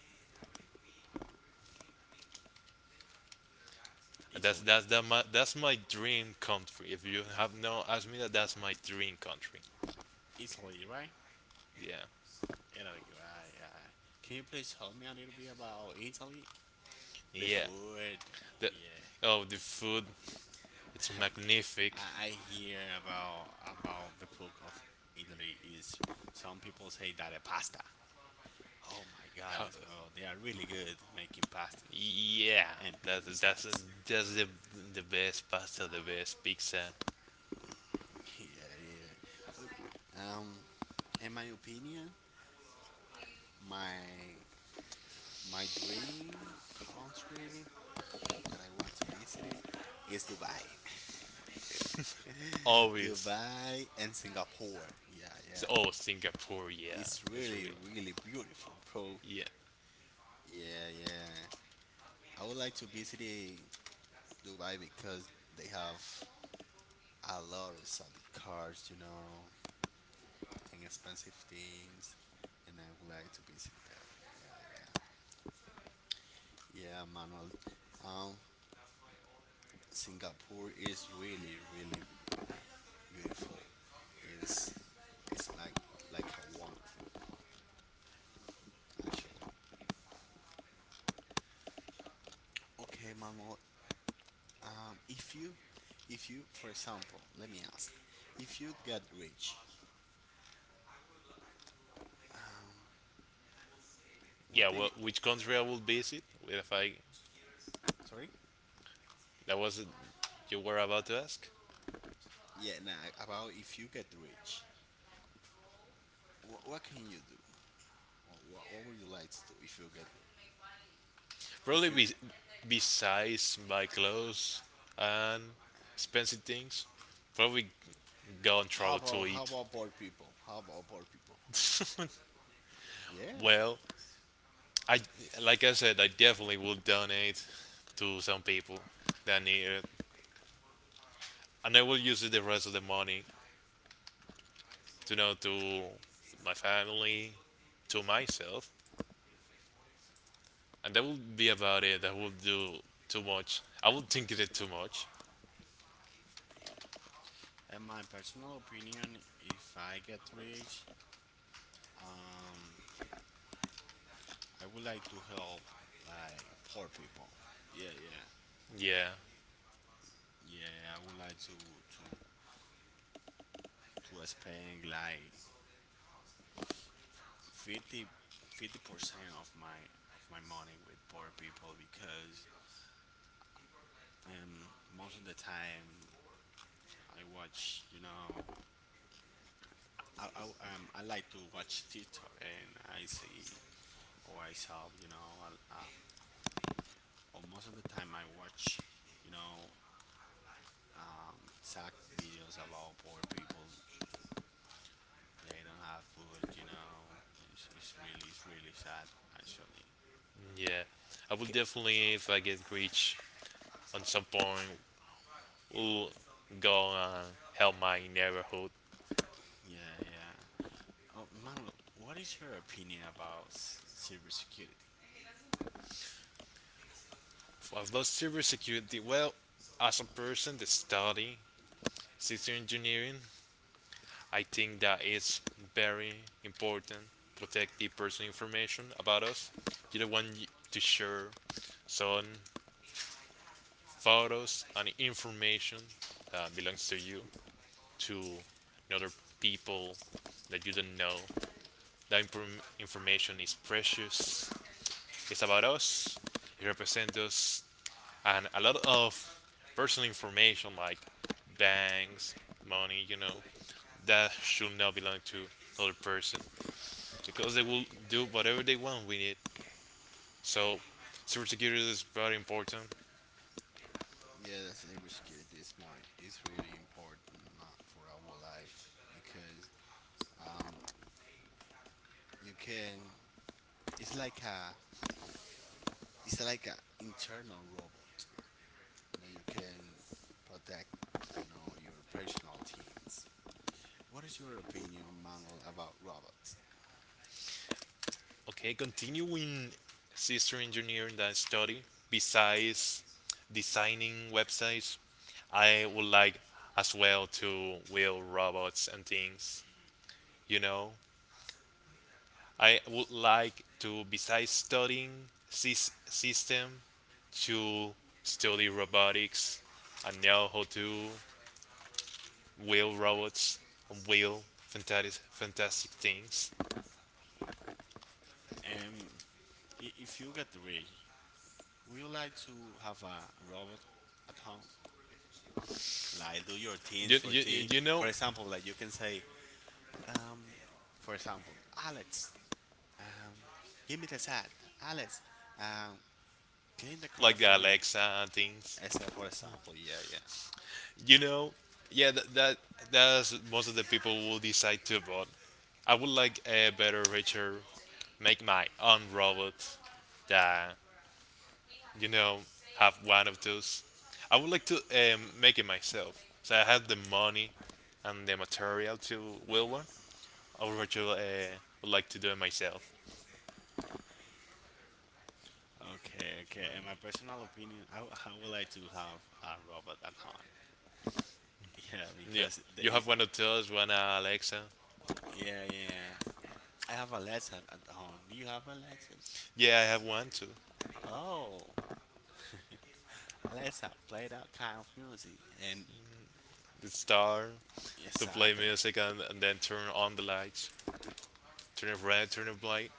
Speaker 2: Italy,
Speaker 1: That's my dream country. If you have not asked me that, that's my dream country.
Speaker 2: Italy, right?
Speaker 1: Yeah,
Speaker 2: It'll, right, right. Can you please help me a little bit about Italy? The
Speaker 1: yeah.
Speaker 2: food,
Speaker 1: The,
Speaker 2: yeah.
Speaker 1: oh, the food, it's magnific.
Speaker 2: I hear about the food of Italy is some people say that a pasta. Oh my
Speaker 1: Ho-
Speaker 2: goodness, bro, they are really good making pasta
Speaker 1: Yeah,
Speaker 2: and
Speaker 1: that's that's
Speaker 2: pizzas.
Speaker 1: that's the best pasta, the best pizza.
Speaker 2: Yeah, yeah. Okay. In my opinion, my my dream country that I want to visit it is Dubai.
Speaker 1: Always,
Speaker 2: Dubai and Singapore. Yeah, yeah.
Speaker 1: oh, Singapore, yeah,
Speaker 2: It's
Speaker 1: it's
Speaker 2: really,
Speaker 1: real.
Speaker 2: really beautiful, bro.
Speaker 1: Yeah,
Speaker 2: Yeah, yeah. I would like to visit, Dubai because they have a lot of solid cars, you know, and expensive things. And I would like to visit there. Yeah, yeah. Yeah, Manuel. Um, Singapore is really, really beautiful. It's, it's like, a wonderful, actually. Okay, Manuel. Um, if you, if you, for example, let me ask, if you got rich, um, what
Speaker 1: yeah.
Speaker 2: do
Speaker 1: Well,
Speaker 2: you?
Speaker 1: which country I will visit? Well, If I
Speaker 2: Sorry?
Speaker 1: that was you were about to ask.
Speaker 2: Yeah, nah. About if you get rich, what can you do? Or what would you like to do if you get rich? If
Speaker 1: Probably
Speaker 2: you,
Speaker 1: be, besides my clothes and expensive things, probably go and travel to
Speaker 2: how
Speaker 1: eat.
Speaker 2: about poor people? How about poor people? Yeah.
Speaker 1: Well, I like I said, I definitely will donate to some people that need it. And I will use the rest of the money to know to my family, to myself, and that would be about it. I would do too much. I would think it too much.
Speaker 2: In my personal opinion, if I get rich, um, I would like to help like poor people. Yeah, yeah,
Speaker 1: Yeah,
Speaker 2: yeah. I would like to spend like 50% of my money with poor people, because most of the time I watch, you know, I, I I like to watch TikTok and I see or I saw, you know, or most of the time I watch, you know, sad videos about poor people. They don't have food, you know, it's really sad actually.
Speaker 1: yeah. I will
Speaker 2: K-
Speaker 1: definitely, if I get rich on some point, will go and help my neighborhood.
Speaker 2: yeah, yeah. Oh, Manuel, what is your opinion about cybersecurity?
Speaker 1: About cybersecurity, well, as a person that study system engineering, I think that it's very important to protect the personal information about us. You don't want to share some photos and information that belongs to you to another people that you don't know. That information is precious. It's about us. It represents us, and a lot of personal information like banks, money, you know, that should not belong to other person. Because they
Speaker 2: Oh,
Speaker 1: will do whatever they want with it. So, cybersecurity is very important.
Speaker 2: yeah, that's cybersecurity is more is really important, for our life because um, you can. It's like a it's like a internal robot that you can protect. You know your personal teams. What is your opinion, Manuel, about robots?
Speaker 1: Okay, continuing system engineering that study, besides designing websites, I would like as well to build robots and things. You know, I would like to, besides studying system, to study robotics and know how to wheel robots and wheel fantastic things.
Speaker 2: Um, if you get rich, would you like to have a robot at home? Like do your things
Speaker 1: You
Speaker 2: for
Speaker 1: you
Speaker 2: tea.
Speaker 1: you know,
Speaker 2: For example, like you can say, um, for example, Alex, um, give me the hat. Alex, um, clean the car
Speaker 1: like
Speaker 2: for
Speaker 1: the
Speaker 2: me.
Speaker 1: Alexa and things.
Speaker 2: Except for example, yeah, yeah.
Speaker 1: You know, yeah, that's most of the people will decide to vote. I would like a better, richer, make my own robot that, you know, have one of those. I would like to make it myself, so I have the money and the material to build one. I would rather, would like to do it myself.
Speaker 2: Okay, okay. In my personal opinion, I would like to have a robot at home. Yeah,
Speaker 1: Yeah.
Speaker 2: because the,
Speaker 1: You have one of those, one Alexa.
Speaker 2: yeah, yeah. I have Alexa at home. Do you have Alexas?
Speaker 1: Yeah, I have one too.
Speaker 2: Oh, Alexa, play that kind of music. And
Speaker 1: The star to play
Speaker 2: Exactly.
Speaker 1: music and then turn on the lights. Turn it red, turn it white.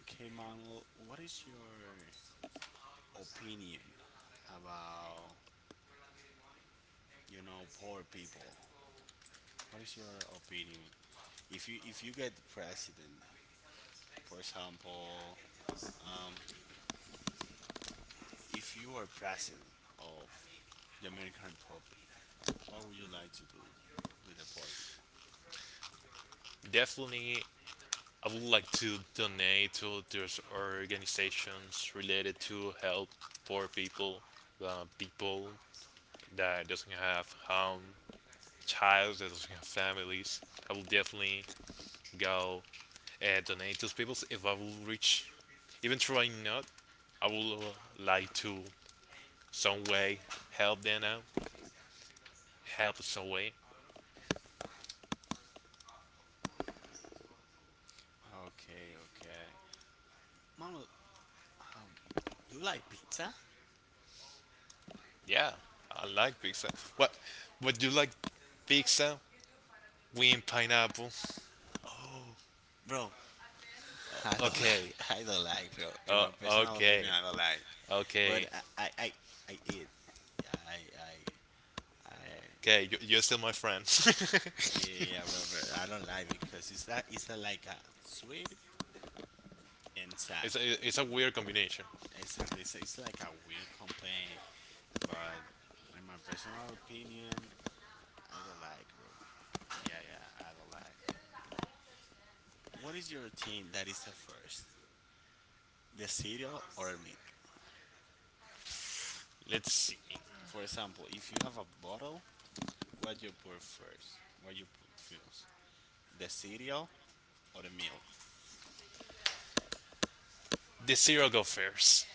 Speaker 2: Okay, Manuel, what is your opinion about, you know, poor people? What is your opinion? If you get president, for example, um, if you are president of the American Republic, what would you like to do with the poor people?
Speaker 1: Definitely, I would like to donate to those organizations related to help poor people, people that doesn't have home, child that doesn't have families. I will definitely go and donate to those people if I will reach. Even though I not, I will like to some way, help them out, help some way.
Speaker 2: Okay, okay. Manuel, um, you like pizza?
Speaker 1: Yeah, I like pizza. What? Would you like pizza with pineapple?
Speaker 2: Oh, bro, I don't
Speaker 1: Okay.
Speaker 2: like. I don't like, bro. In my personal
Speaker 1: Okay.
Speaker 2: opinion, I don't like. But
Speaker 1: Okay.
Speaker 2: I eat. Yeah, I.
Speaker 1: Okay. You're still my friend. it's
Speaker 2: Yeah, yeah, Robert. I don't like because it's a, like a sweet and sad.
Speaker 1: a, it's a weird combination.
Speaker 2: Exactly. It's like a weird complaint, but in my personal opinion, I don't like, bro. Yeah, yeah, I don't like. What is your thing that is the first, the cereal or milk?
Speaker 1: Let's see.
Speaker 2: For example, if you have a bottle. What you put first? What you put first? The cereal or the milk?
Speaker 1: The cereal go first.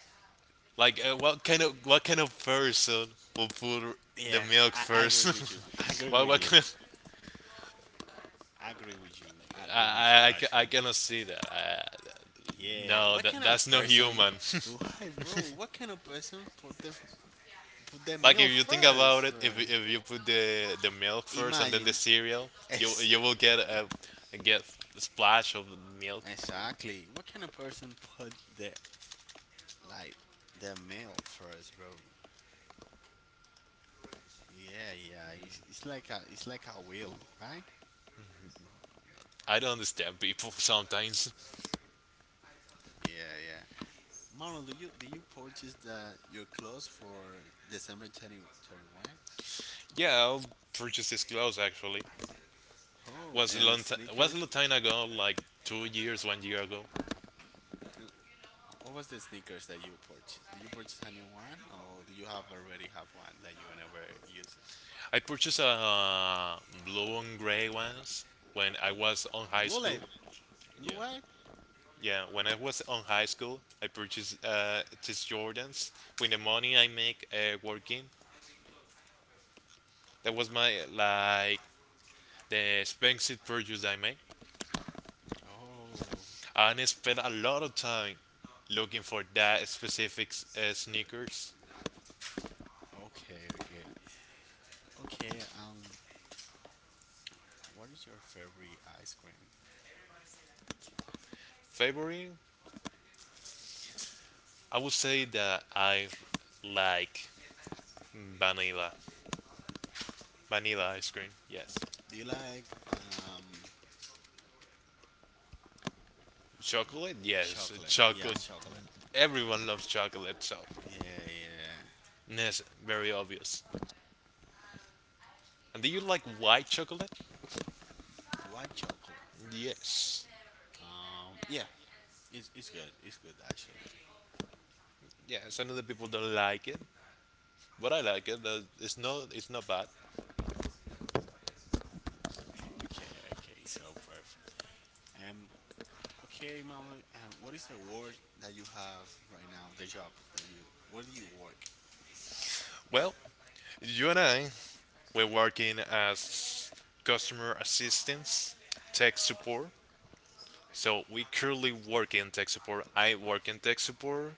Speaker 1: Like, what kind of person will put the
Speaker 2: Yeah,
Speaker 1: milk
Speaker 2: I
Speaker 1: first?
Speaker 2: agree with you. I agree
Speaker 1: what what
Speaker 2: with you.
Speaker 1: kind of?
Speaker 2: I agree with you. I
Speaker 1: I
Speaker 2: agree with you.
Speaker 1: I, I ca- I
Speaker 2: Actually,
Speaker 1: cannot see that.
Speaker 2: yeah.
Speaker 1: No,
Speaker 2: What kind
Speaker 1: that's
Speaker 2: of
Speaker 1: not
Speaker 2: person?
Speaker 1: human.
Speaker 2: Why, bro? What kind of person put the
Speaker 1: Like, if
Speaker 2: milk
Speaker 1: you think about
Speaker 2: first,
Speaker 1: it,
Speaker 2: bro?
Speaker 1: if you put the milk first and then the
Speaker 2: Imagine.
Speaker 1: cereal, you
Speaker 2: Ex-
Speaker 1: you will get a splash of milk.
Speaker 2: exactly. What kind of person put the like the milk first, bro? Yeah, yeah. It's like a wheel, right?
Speaker 1: I don't understand people sometimes.
Speaker 2: Yeah, yeah. Manuel, do you purchase the your clothes for December 20, 31?
Speaker 1: Yeah, I'll purchase these clothes actually.
Speaker 2: Oh, and the
Speaker 1: Was a
Speaker 2: sneakers.
Speaker 1: long time ago, like 2 years, one year ago.
Speaker 2: Uh, uh, what was the sneakers that you purchased? Did you purchase a new one, or do you have already have one that you never use?
Speaker 1: I purchased a uh, blue and gray ones when I was on high
Speaker 2: Blue
Speaker 1: school.
Speaker 2: light, blue
Speaker 1: Yeah.
Speaker 2: white.
Speaker 1: Yeah, when I was on high school, I purchased these Jordans with the money I make working. That was my like the expensive purchase I made,
Speaker 2: Oh,
Speaker 1: and I spent a lot of time looking for that specific sneakers.
Speaker 2: okay, okay, okay. What is your favorite ice cream?
Speaker 1: Favorite, I would say that I like vanilla, vanilla ice cream. Yes,
Speaker 2: Do you like
Speaker 1: chocolate. Yes,
Speaker 2: chocolate? Yeah,
Speaker 1: chocolate.
Speaker 2: chocolate.
Speaker 1: Everyone loves chocolate, so
Speaker 2: Yeah, yeah.
Speaker 1: yes, very obvious. And do you like white chocolate?
Speaker 2: White chocolate.
Speaker 1: Yes.
Speaker 2: Yeah, it's good. It's good actually.
Speaker 1: Yes, I know that people don't like it, but I like it. It's not bad.
Speaker 2: Okay, okay, so perfect. Um, okay, Mallory, what is the work that you have right now? The job that you, where do you work?
Speaker 1: Well, you and I we're working as customer assistance, tech support. So we currently work in tech support. I work in tech support,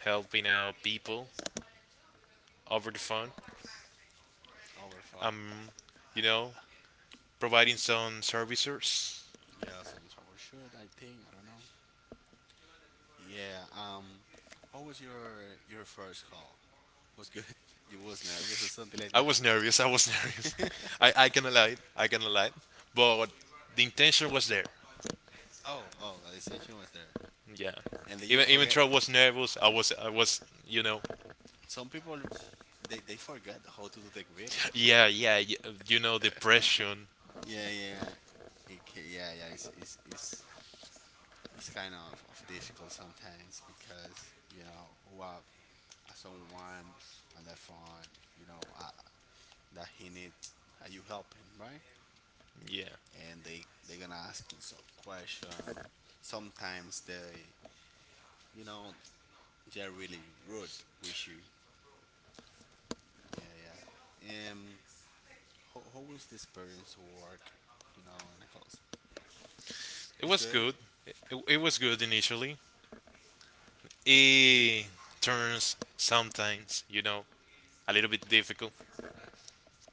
Speaker 1: helping out people over the phone.
Speaker 2: Over five.
Speaker 1: You know, providing some services.
Speaker 2: Yeah, some troubleshoot. I think I don't know. Yeah. How was your first call? Was good. You was nervous or something like
Speaker 1: I was nervous. I was nervous.
Speaker 2: that.
Speaker 1: I cannot lie. I cannot lie. But the intention was there.
Speaker 2: Oh, oh, the extension was there,
Speaker 1: Yeah.
Speaker 2: and then you
Speaker 1: Even
Speaker 2: forget.
Speaker 1: though I was nervous, I was you know,
Speaker 2: Some people, they forget how to do the grading.
Speaker 1: yeah, yeah, you know, depression.
Speaker 2: Yeah, yeah, yeah, yeah. It's kind of difficult sometimes because you know who are, someone on the phone, you know, that he needs. Are you helping, right?
Speaker 1: Yeah.
Speaker 2: And they gonna ask him some question. Sometimes they, you know, they're really rude with you. Yeah, yeah. How was the experience to work, you know, in a call center?
Speaker 1: It
Speaker 2: It's
Speaker 1: was
Speaker 2: good?
Speaker 1: good. It, it was good initially. It turns sometimes, you know, a little bit difficult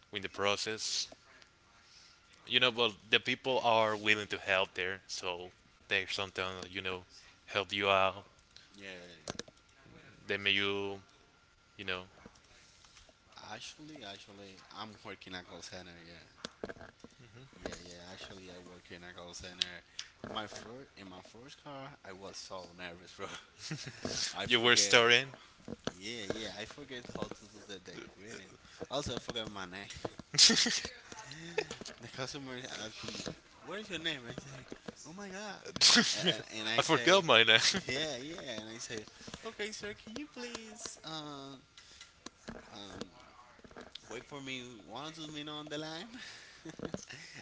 Speaker 1: with the process. You know, but the people are willing to help there, so they sometimes, you know, help you out.
Speaker 2: Yeah, yeah,
Speaker 1: They make you, you know,
Speaker 2: yeah. Actually, actually, I'm working at call center, yeah. Yeah, yeah, actually, I work in a call center. In my first car, I was so nervous, bro. I
Speaker 1: you were
Speaker 2: forget.
Speaker 1: starting.
Speaker 2: Yeah, yeah, I forget how to do the greeting. Also, I forgot my name. The customer asks me, "What is your name?" I say, "Oh my God," and
Speaker 1: I
Speaker 2: I
Speaker 1: forgot
Speaker 2: say,
Speaker 1: my name.
Speaker 2: "Yeah, yeah," and I say, "Okay, sir, can you please um wait for me one or two minutes on the line?"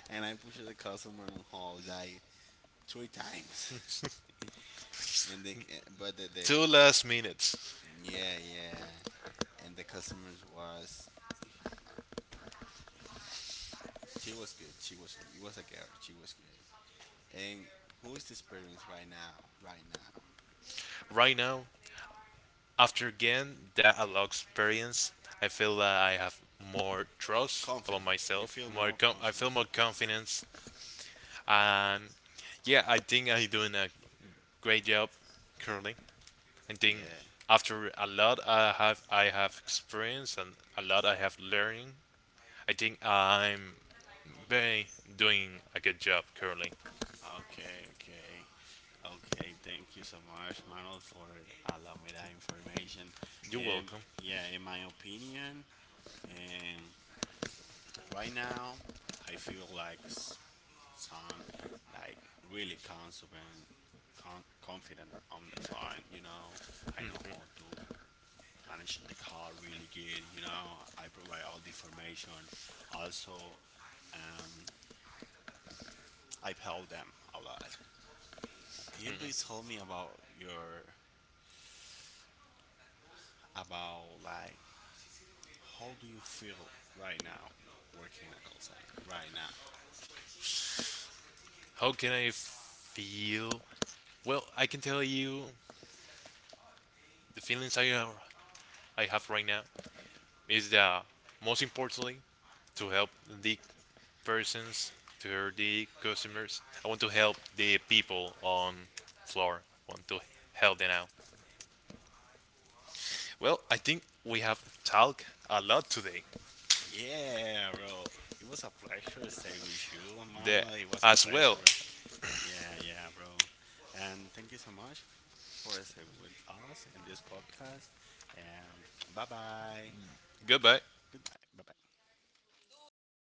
Speaker 2: And I push the customer on hold like 3 times, and but the
Speaker 1: Two last minutes.
Speaker 2: yeah, yeah, and the customers was she was good. She was It was a girl. She was good. And who is the experience right now? Right now.
Speaker 1: Right now, after again that a lot experience, I feel that I have more trust about
Speaker 2: Confident. You
Speaker 1: myself.
Speaker 2: feel
Speaker 1: More,
Speaker 2: more
Speaker 1: I feel
Speaker 2: confident.
Speaker 1: more confidence, and, yeah, I think I'm doing a great job currently. I think
Speaker 2: Yeah.
Speaker 1: after a lot I have experience and a lot I have learning. I think I'm very doing a good job currently.
Speaker 2: Okay, okay. Okay, thank you so much, Manuel, for allowing me that information.
Speaker 1: You're
Speaker 2: Um,
Speaker 1: welcome.
Speaker 2: yeah, in my opinion, um, right now, I feel like some, like really confident, confident on the phone. You know, I know how to manage the car really good. You know, I provide all the information. Also, um, I help them a lot. Can you please tell me about your about like how do you feel right now working in a call center right now?
Speaker 1: How can I feel? Well, I can tell you the feelings I have right now is that most importantly to help the persons, to the customers. I want to help the people on floor. Want to help them out.
Speaker 2: Yeah, bro. It was a pleasure to stay with you, Manuel. It was a pleasure. Yeah, yeah, bro. And thank you so much for staying with us in this podcast. And bye bye. Good night. Bye bye.